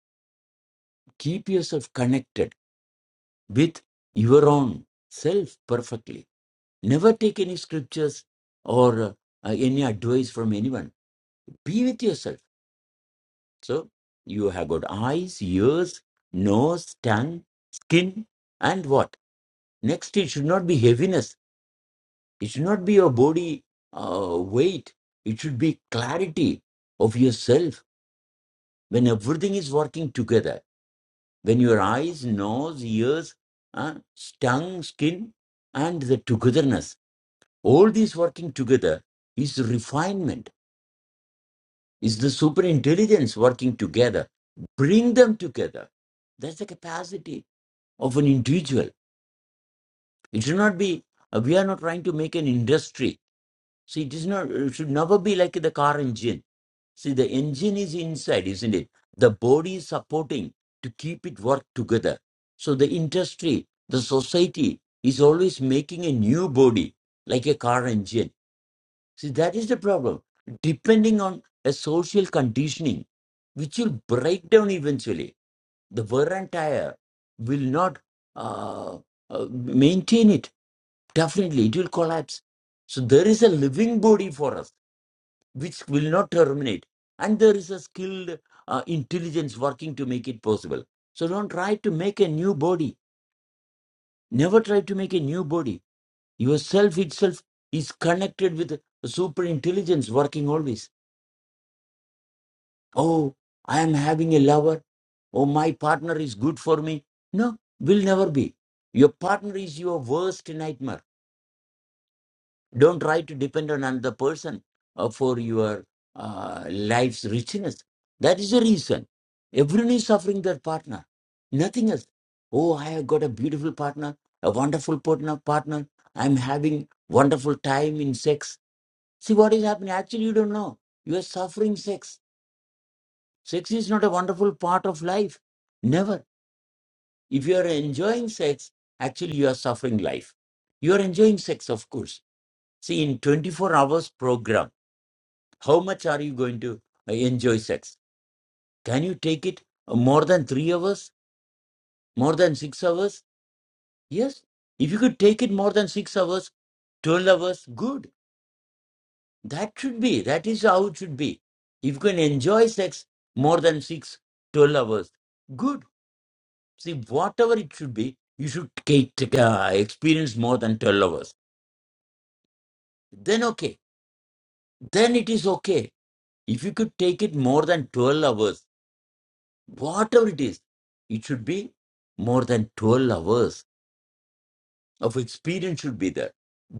Keep yourself connected with your own self perfectly. Never take any scriptures or uh, any advice from anyone. Be with yourself. So you have got eyes, ears, nose, tongue, skin, and what? Next, it should not be heaviness. It should not be your body uh, weight. It should be clarity of yourself when everything is working together. When your eyes, nose, ears, uh, tongue, skin, and the togetherness All these working together is refinement, is the super intelligence working together. Bring them together. That's the capacity of an individual. It should not be, uh, we are not trying to make an industry. See, it is not, it should never be like the car engine. See, the engine is inside, isn't it? The body is supporting to keep it work together. So the industry, the society is always making a new body, like a car engine See, that is the problem. Depending on a social conditioning, which will break down eventually, the wear and tire will not uh, uh, maintain it. Definitely, it will collapse. So, there is a living body for us which will not terminate. And there is a skilled uh, intelligence working to make it possible. So, don't try to make a new body. Never try to make a new body. Yourself itself is connected with super intelligence working always Oh, I am having a lover. Oh, my partner is good for me. No, will never be. Your partner is your worst nightmare. Don't try to depend on another person uh, for your uh, life's richness. That is the reason. Everyone is suffering their partner, nothing else. Oh, I have got a beautiful partner, a wonderful partner. partner. I'm having wonderful time in sex. See what is happening. Actually, you don't know. You are suffering sex Sex is not a wonderful part of life. Never. If you are enjoying sex, actually you are suffering life. You are enjoying sex, of course. See, in 24 hours program, how much are you going to uh, enjoy sex? Can you take it uh, more than three hours? More than six hours? Yes. If you could take it more than six hours, 12 hours, good. That should be. That is how it should be. If you can enjoy sex more than six, 12 hours, good See, whatever it should be, you should take, take, uh, experience more than 12 hours. Then, okay. Then it is okay. If you could take it more than 12 hours, whatever it is, it should be more than 12 hours of experience should be there.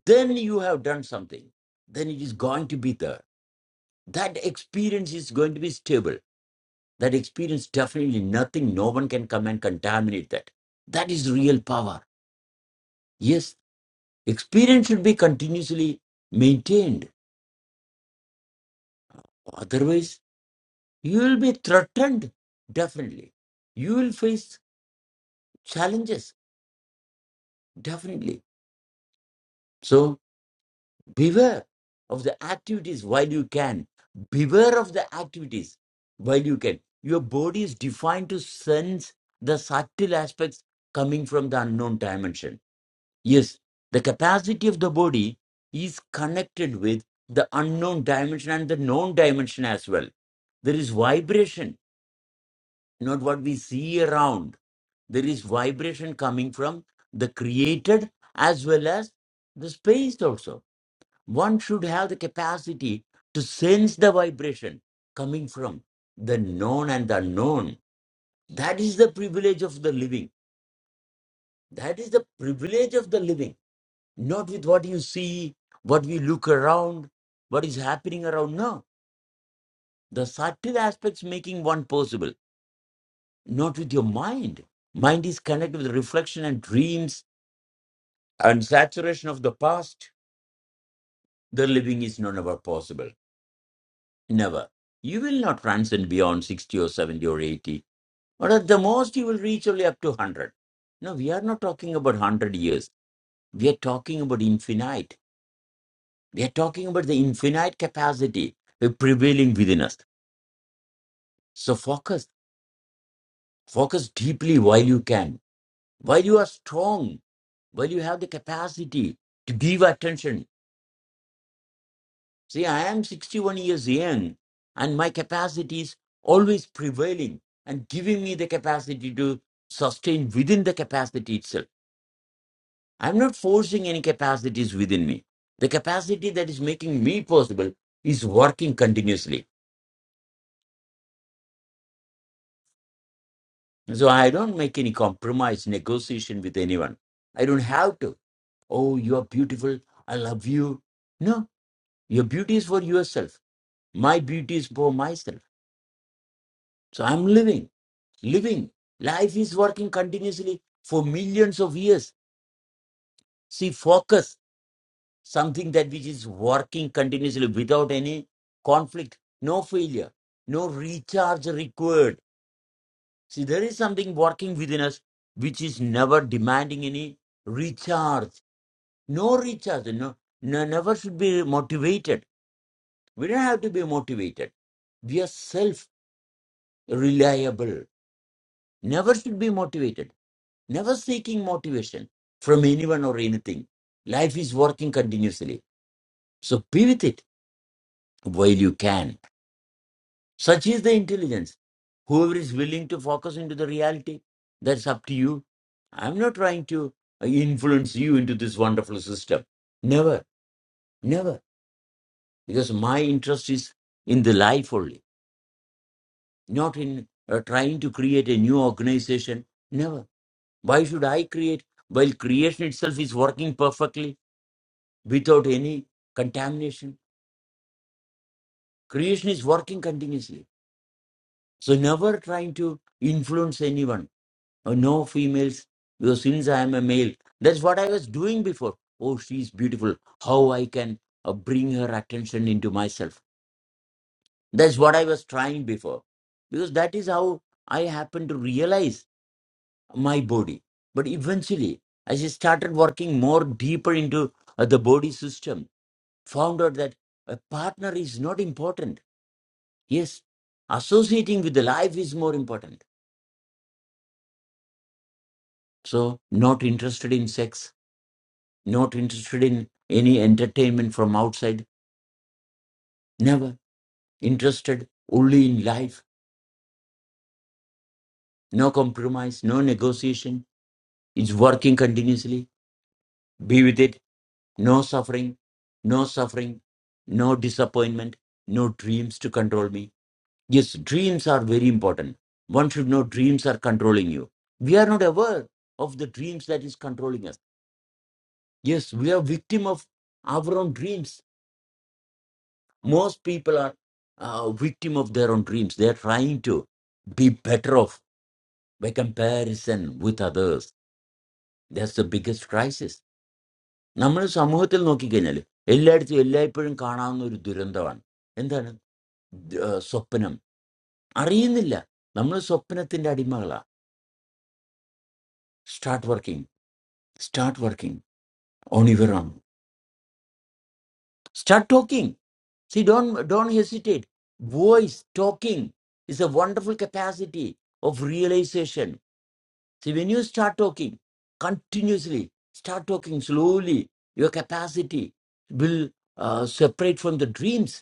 Then you have done something. Then it is going to be there. That experience is going to be stable. That experience definitely nothing, no one can come and contaminate that. That is real power. Yes, Experience should be continuously maintained. Otherwise, you will be threatened, definitely. You will face challenges, definitely. So, beware of the activities while you can. Beware of the activities while you can. Your body is defined to sense the subtle aspects coming from the unknown dimension Yes, the capacity of the body is connected with the unknown dimension and the known dimension as well. There is vibration, not what we see around. There is vibration coming from the created as well as the space also. One should have the capacity to sense the vibration coming from the known and the unknown. That is the privilege of the living. That is the privilege of the living not with what you see, what we look around, what is happening around. No, the subtle aspects making one possible, not with your mind. Mind is connected with reflection and dreams and saturation of the past. The living is not ever possible. Never. You will not transcend beyond 60 or 70 or 80, or at the most, you will reach only up to 100. No, we are not talking about 100 years. We are talking about infinite. We are talking about the infinite capacity uh, prevailing within us So focus, focus deeply while you can, while you are strong, while you have the capacity to give attention. See, I am 61 years young, and my capacity is always prevailing and giving me the capacity to sustain within the capacity itself. I'm not forcing any capacities within me. The capacity that is making me possible is working continuously. So I don't make any compromise, negotiation with anyone. I don't have to. Oh, you are beautiful. I love you. No, your beauty is for yourself. My beauty is for myself. So I'm living, living. Life is working continuously for millions of years. See, focus, something that which is working continuously without any conflict, no failure, no recharge required. See, there is something working within us which is never demanding any recharge. No recharge. No, no never should be motivated We don't have to be motivated. We are self reliable. Never should be motivated. Never seeking motivation from anyone or anything. Life is working continuously. So be with it while you can. Such is the intelligence. Whoever is willing to focus into the reality, that's up to you. I'm not trying to uh, influence you into this wonderful system. Never, never. Because my interest is in the life only not in uh, trying to create a new organization. Never. Why should I create? While creation itself is working perfectly without any contamination. Creation is working continuously. So, never trying to influence anyone. Oh, no females, because since I am a male, that's what I was doing before. Oh, she's beautiful. How I can uh, bring her attention into myself. That's what I was trying before. Because that is how I happened to realize my body. But eventually, as I started working more deeper into uh, the body system, found out that a partner is not important. Yes, associating with the life is more important. So, not interested in sex, not interested in any entertainment from outside, never interested only in life, no compromise, no negotiation. It's working continuously. Be with it No suffering, no suffering, no disappointment, no dreams to control me. Yes, dreams are very important. One should know dreams are controlling you. We are not aware of the dreams that is controlling us. Yes, we are victim of our own dreams. Most people are uh, victim of their own dreams. They are trying to be better off by comparison with others. That's the biggest crisis. നമ്മൾ സമൂഹത്തിൽ നോക്കിക്കഴിഞ്ഞാൽ എല്ലായിടത്തും എല്ലായ്പ്പോഴും കാണാവുന്ന ഒരു ദുരന്തമാണ് എന്താണ് ഏഹ് സ്വപ്നം അറിയുന്നില്ല നമ്മൾ സ്വപ്നത്തിന്റെ അടിമകളാ start working start working on your own start talking see don't don't hesitate voice talking is a wonderful capacity of realisation see when you start talking continuously start talking slowly your capacity will separate from the dreams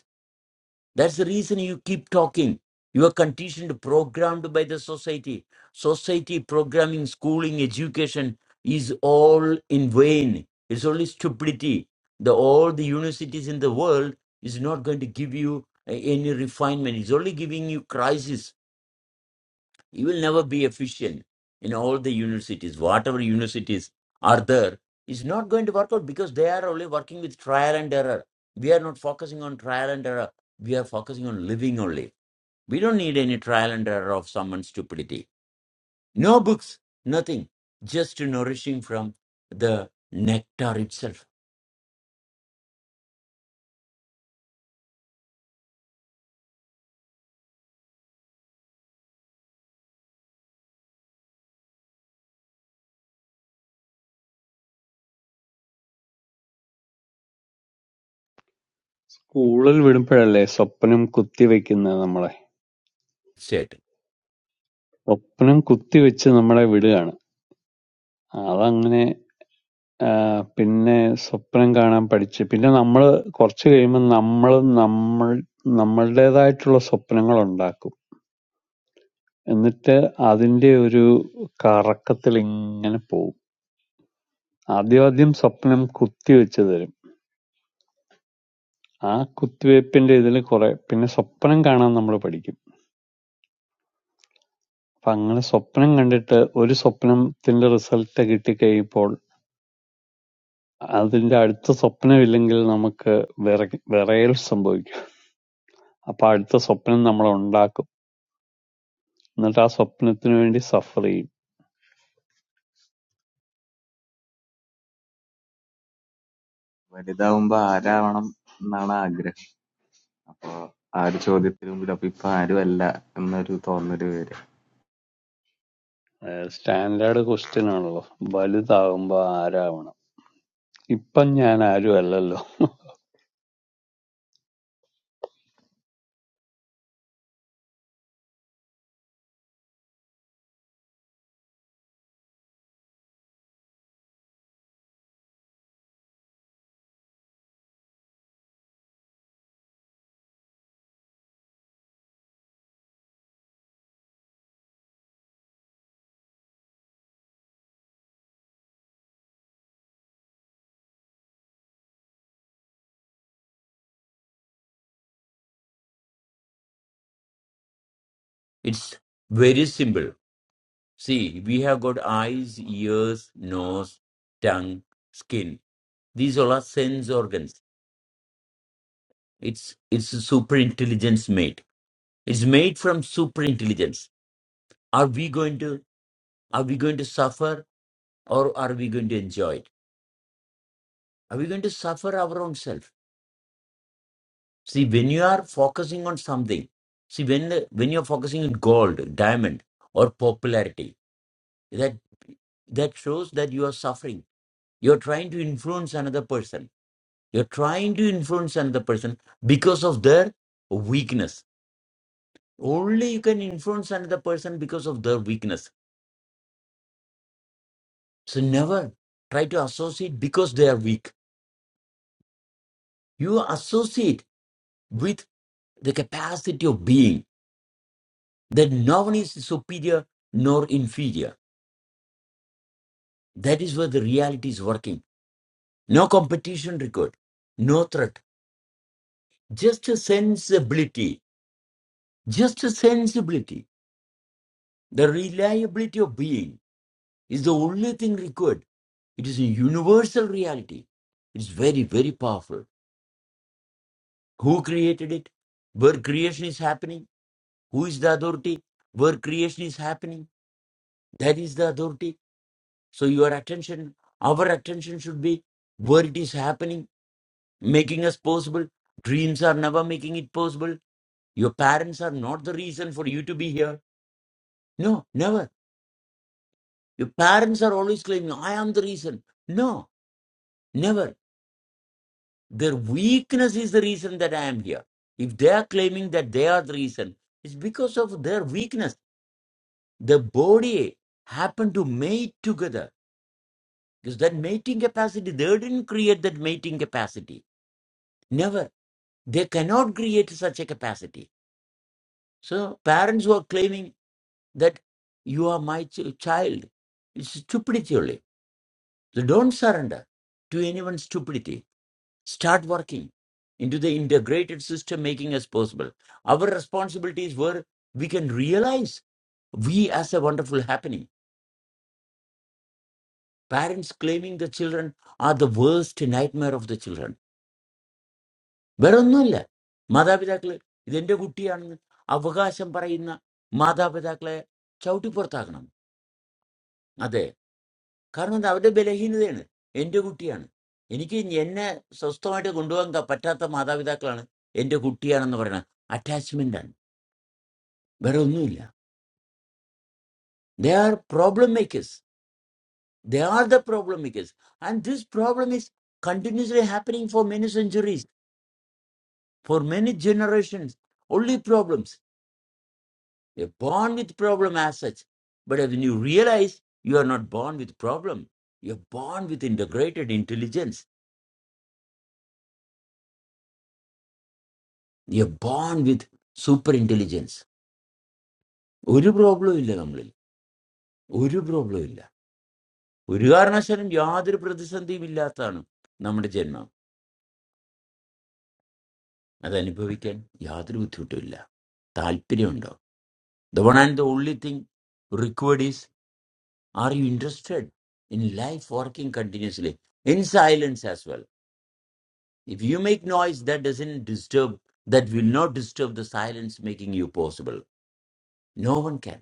That's the reason you keep talking. You are conditioned, programmed by the society. Society, programming, schooling, education is all in vain. It's only stupidity. The all the universities in the world is not going to give you a- any refinement. It's only giving you crisis you will never be efficient in all the universities. Whatever universities are there is not going to work out because they are only working with trial and error. We are not focusing on trial and error. We are focusing on living only. We don't need any trial and error of someone's stupidity. No books, nothing. Just nourishing from the nectar itself. സ്കൂളിൽ വിടുമ്പോഴല്ലേ സ്വപ്നം കുത്തിവെക്കുന്നത് നമ്മളെ That's സ്വപ്നം കുത്തിവെച്ച് നമ്മളെ വിടുകയാണ് അതങ്ങനെ ആഹ് പിന്നെ സ്വപ്നം കാണാൻ പഠിച്ച്. പിന്നെ നമ്മള് കൊറച്ച് കഴിയുമ്പം നമ്മളും നമ്മൾ നമ്മളുടേതായിട്ടുള്ള സ്വപ്നങ്ങളുണ്ടാക്കും. എന്നിട്ട് അതിന്റെ ഒരു കറക്കത്തിലിങ്ങനെ പോവും. ആദ്യാദ്യം സ്വപ്നം കുത്തിവെച്ച് തരും. ആ കുത്തിവെപ്പിന്റെ ഇതില് കുറെ പിന്നെ സ്വപ്നം കാണാൻ നമ്മള് പഠിക്കും. അപ്പൊ അങ്ങനെ സ്വപ്നം കണ്ടിട്ട് ഒരു സ്വപ്നത്തിന്റെ റിസൾട്ട് കിട്ടിക്കഴിയുമ്പോൾ അതിന്റെ അടുത്ത സ്വപ്നമില്ലെങ്കിൽ നമുക്ക് വിറ വിറയൽ സംഭവിക്കും. അപ്പൊ അടുത്ത സ്വപ്നം നമ്മൾ ഉണ്ടാക്കും. എന്നിട്ട് ആ സ്വപ്നത്തിന് വേണ്ടി സഫർ ചെയ്യും വലുതാവുമ്പോ ആരാവണം എന്നാണ് ആഗ്രഹം. അപ്പൊ ആ ഒരു ചോദ്യത്തിന് മുമ്പിൽ അപ്പൊ ഇപ്പൊ ആരും അല്ല എന്നൊരു തോന്നല് വരെ. സ്റ്റാൻഡേർഡ് ക്വസ്റ്റ്യൻ ആണല്ലോ വലുതാകുമ്പോ ആരാവണം ഇപ്പം ഞാൻ ആരും അല്ലല്ലോ It's very simple. See, we have got eyes, ears, nose, tongue, skin. These all are sense organs It's it's super intelligence made. It's made from super intelligence. Are we going to are we going to suffer or are we going to enjoy it? Are we going to suffer our own self? See, when you are focusing on something, see when when you're focusing on gold, diamond, or popularity, that that shows that you are suffering. You're trying to influence another person. You're trying to influence another person because of their weakness. Only you can influence another person because of their weakness So never try to associate because they are weak. You associate with the capacity of being that no one is superior nor inferior. That is where the reality is working. No competition required. no threat, just a sensibility, just a sensibility. The reliability of being is the only thing required. It is a universal reality. It's very, very powerful. Who created it? Where creation is happening? Who is the authority? Where creation is happening, that is the authority. So your attention, our attention should be where it is happening, making us possible. Dreams are never making it possible. Your parents are not the reason for you to be here. No, never. Your parents are always claiming, I am the reason. No, never. Their weakness is the reason that I am here. If they are claiming that they are the reason, it's because of their weakness. The body happened to mate together Because that mating capacity, they didn't create that mating capacity. Never. They cannot create such a capacity. So parents who are claiming that you are my ch- child, it's stupidity only. So don't surrender to anyone's stupidity. Start working into the integrated system making as possible. Our responsibility is where we can realize we as a wonderful happening. Parents claiming the children are the worst nightmare of the children വേറെ ഒന്നുമല്ല മാതാപിതാക്കള് ഇതെന്റെ കുട്ടിയാണെന്ന് അവകാശം പറയുന്ന മാതാപിതാക്കളെ ചവിട്ടിപ്പുറത്താക്കണം അതെ കാരണം അത് അവരുടെ ബലഹീനതയാണ് എന്റെ കുട്ടിയാണ് എനിക്ക് എന്നെ സ്വസ്ഥമായിട്ട് കൊണ്ടുപോകാൻ ക- പറ്റാത്ത മാതാപിതാക്കളാണ് എന്റെ കുട്ടിയാണെന്ന് പറയുന്നത് അറ്റാച്ച്മെന്റ് ആണ് വേറെ ഒന്നുമില്ല they are problem makers they are the problem makers and this problem is continuously happening for many centuries for many generations only problems You're born with problem as such. But when you realize you are not born with problem, you're born with integrated intelligence. You're born with super intelligence. ഒരു പ്രോബ്ലവും ഇല്ല നമ്മളിൽ ഒരു പ്രോബ്ലവും ഇല്ല ഒരു കാരണവശാലും യാതൊരു പ്രതിസന്ധിയും ഇല്ലാത്തതാണ് നമ്മുടെ ജന്മം അത് അനുഭവിക്കാൻ യാതൊരു ബുദ്ധിമുട്ടും ഇല്ല താല്പര്യമുണ്ടോ the one and the only thing required is are you interested in life working continuously in silence as well If you make noise that doesn't disturb, that will not disturb the silence making you possible. No one can.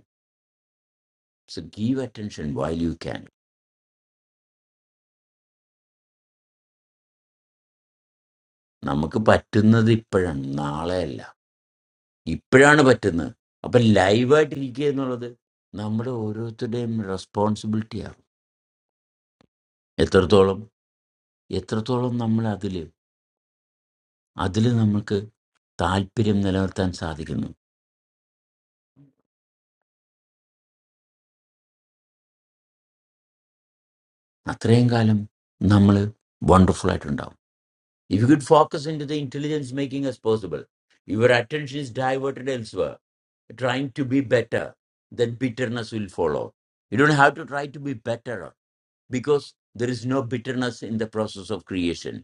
So give attention while you can. നമുക്ക് പറ്റുന്നത് ഇപ്പോഴാണ് നാളെയല്ല ഇപ്പോഴാണ് പറ്റുന്നത് അപ്പൊ ലൈവായിട്ട് ഇരിക്കുക എന്നുള്ളത് നമ്മുടെ ഓരോരുത്തരുടെയും റെസ്പോൺസിബിലിറ്റിയാണ് എത്രത്തോളം എത്രത്തോളം നമ്മൾ അതിൽ അതിൽ നമുക്ക് താല്പര്യം നിലനിർത്താൻ സാധിക്കുന്നു അത്രയും കാലം നമ്മൾ വണ്ടർഫുൾ ആയിട്ടുണ്ടാവും If you could focus into the intelligence making us possible, if your attention is diverted elsewhere, trying to be better, then bitterness will follow. You don't have to try to be better because there is no bitterness in the process of creation.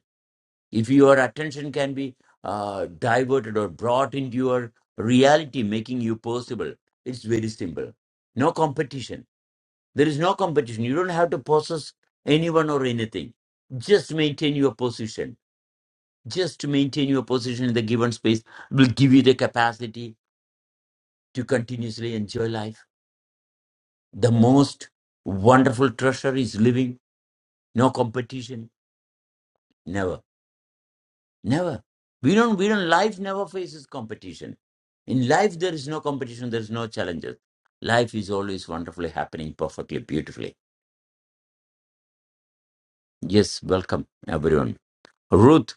If your attention can be uh, diverted or brought into your reality, making you possible, it's very simple. No competition. There is no competition. You don't have to possess anyone or anything. Just maintain your position just to maintain your position in the given space will give you the capacity to continuously enjoy life. The most wonderful treasure is living. No competition. Never. Never. We don't we don't life never faces competition. In life there is no competition, there is no challenges. Life is always wonderfully happening perfectly, beautifully. Yes, welcome everyone. Ruth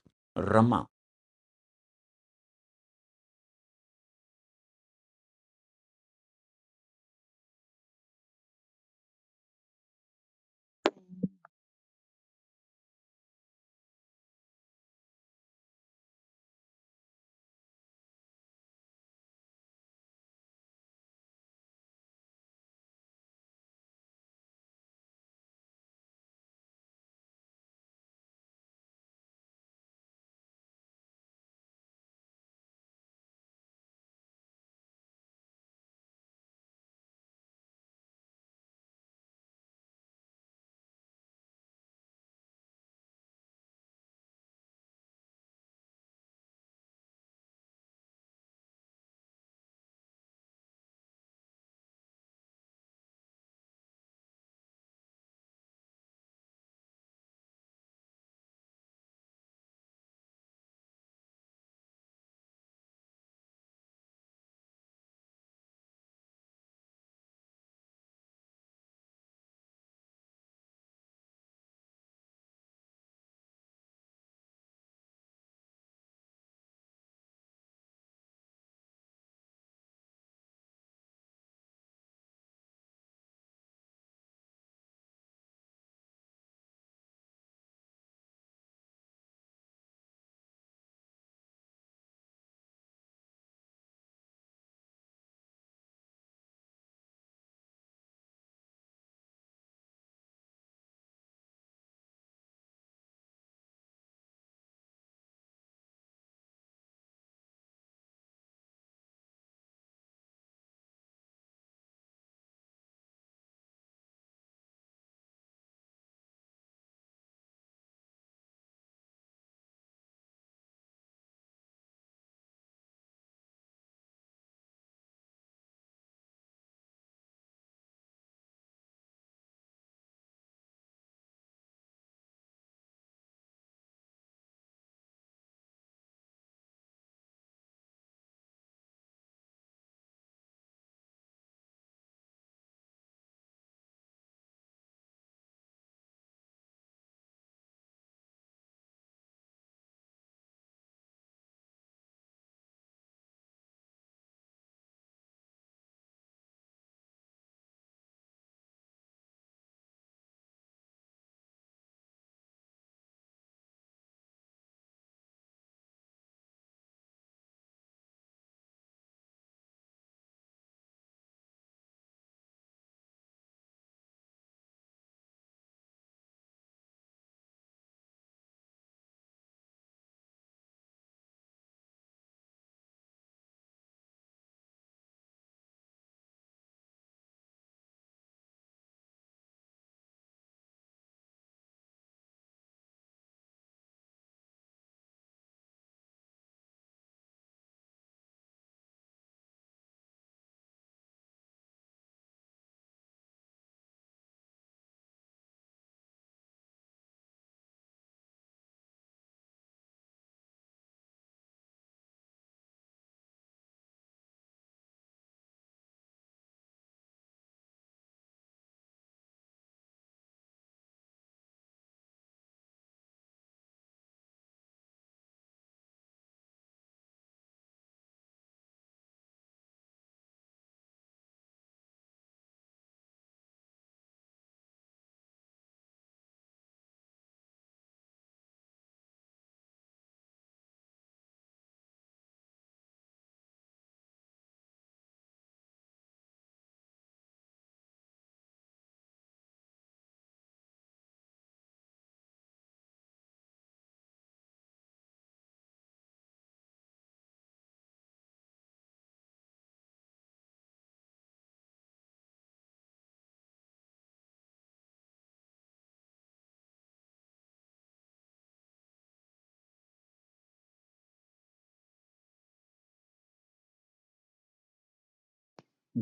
Rama.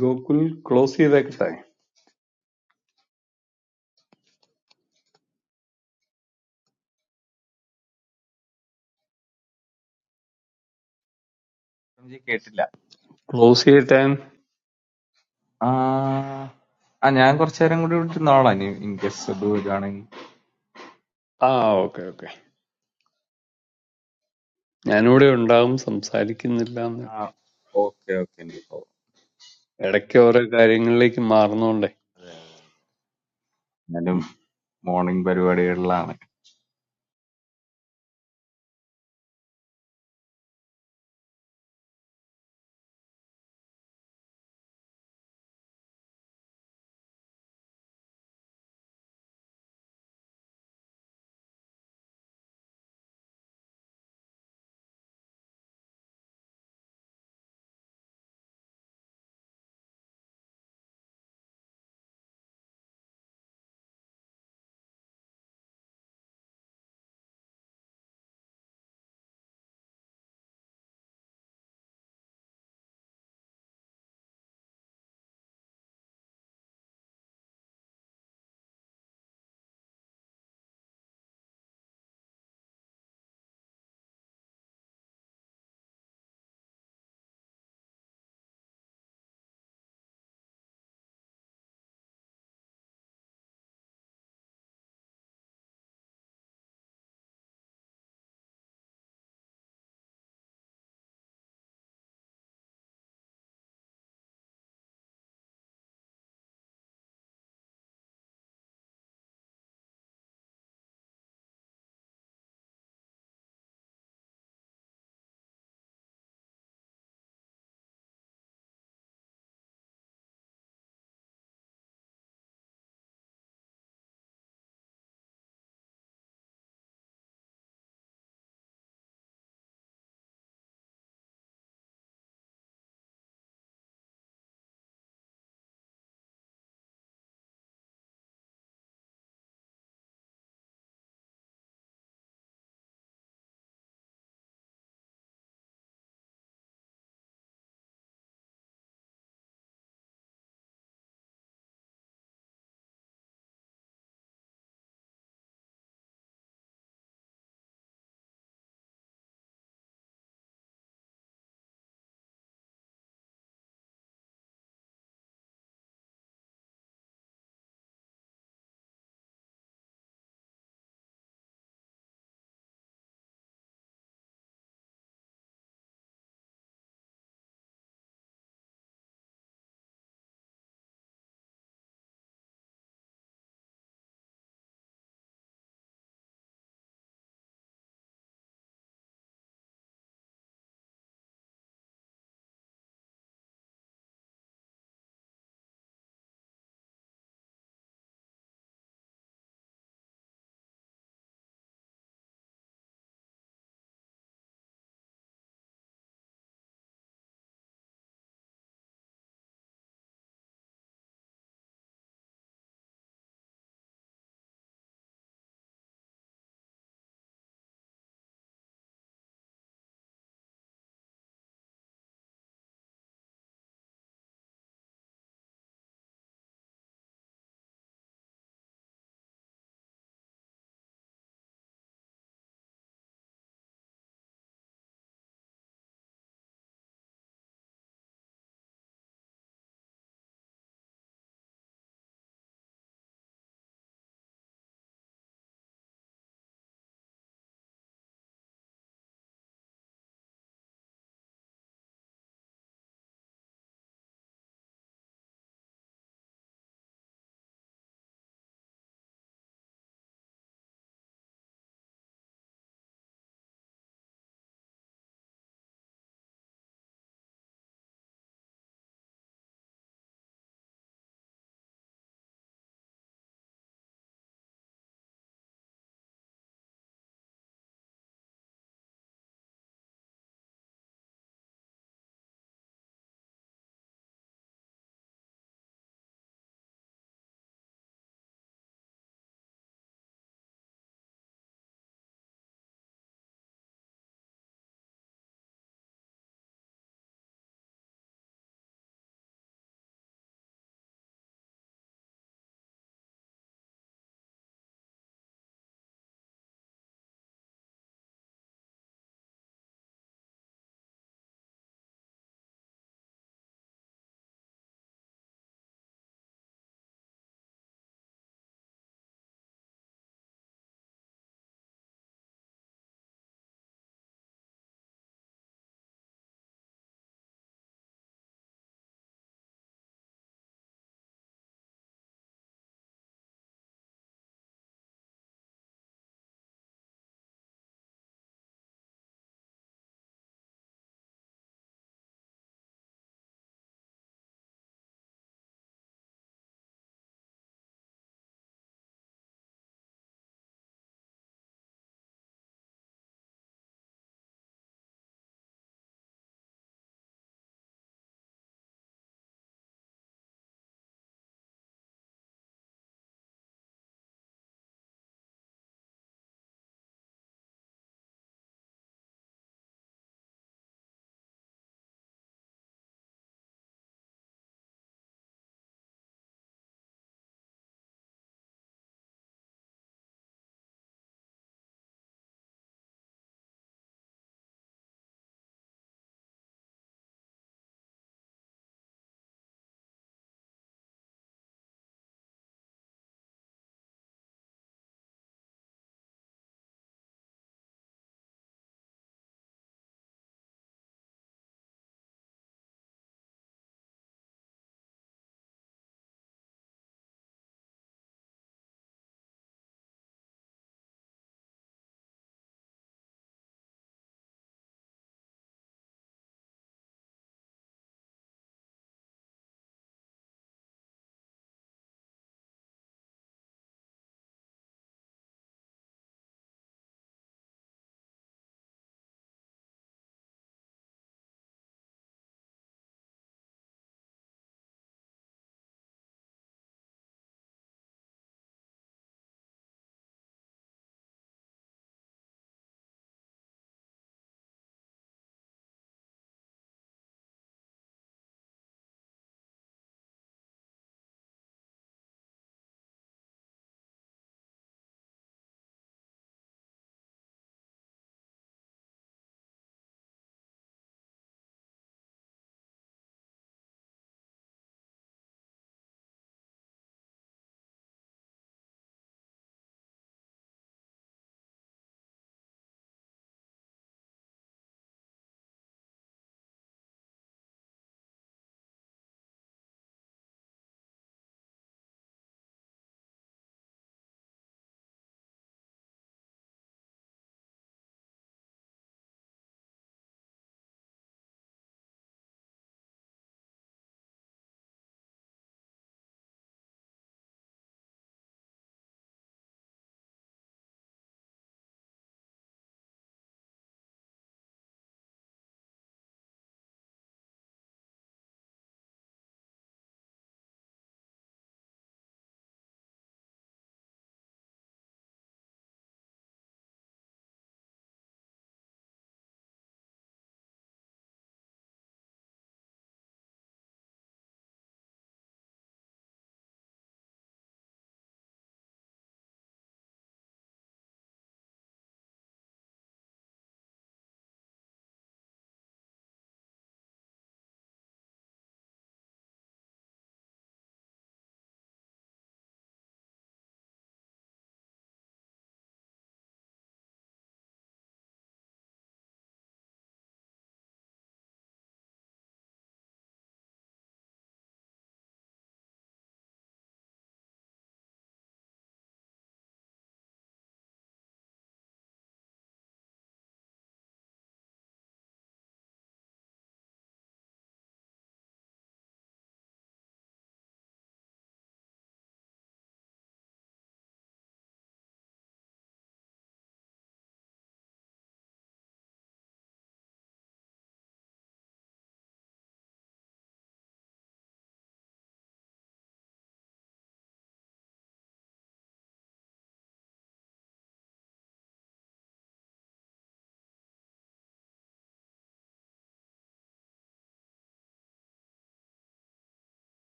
Gokul close ചെയ്തേക്കട്ടെ എനിക്ക് കേട്ടില്ല. Close ചെയ്തിട്ടേ ആ ആ ഞാൻ കുറച്ചു നേരം കൂടി ഇവിടെ ഇരുന്നോളാം. ഇനി ഇൻ കേസ് ഇത് വരുവാണെങ്കിൽ. ആ ഓക്കെ ഓക്കെ ഞാനിവിടെ ഉണ്ടാകും സംസാരിക്കുന്നില്ല എന്ന് ആ ഓക്കെ ഓക്കെ. ഇനി ഇപ്പോ ഇടയ്ക്ക് ഓരോ കാര്യങ്ങളിലേക്ക് മാറുന്നോണ്ടേ അതെ അതെ. ഞാനും ഉം. മോർണിംഗ് പരിപാടികളിലാണ്.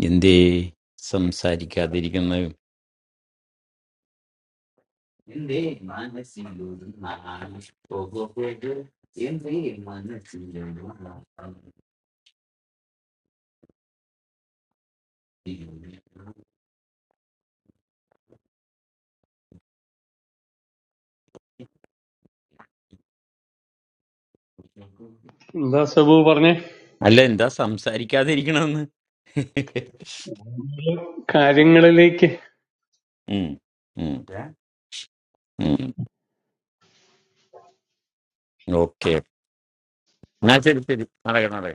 In എന്തേ സംസാരിക്കാതിരിക്കുന്നത് എന്റെ മനസ്സിലൊരു നാളെ പോകോ പോകോ എന്റെ മനസ്സിലൊരു നാളെ എന്താ സബു പറഞ്ഞേ അല്ല എന്താ സംസാരിക്കാതിരിക്കണമെന്ന് കാര്യങ്ങളിലേക്ക് ഉം, ഉം, ഉം. ഓക്കെ എന്നാ ശരി ശരി നടക്കണം നടക്കണം.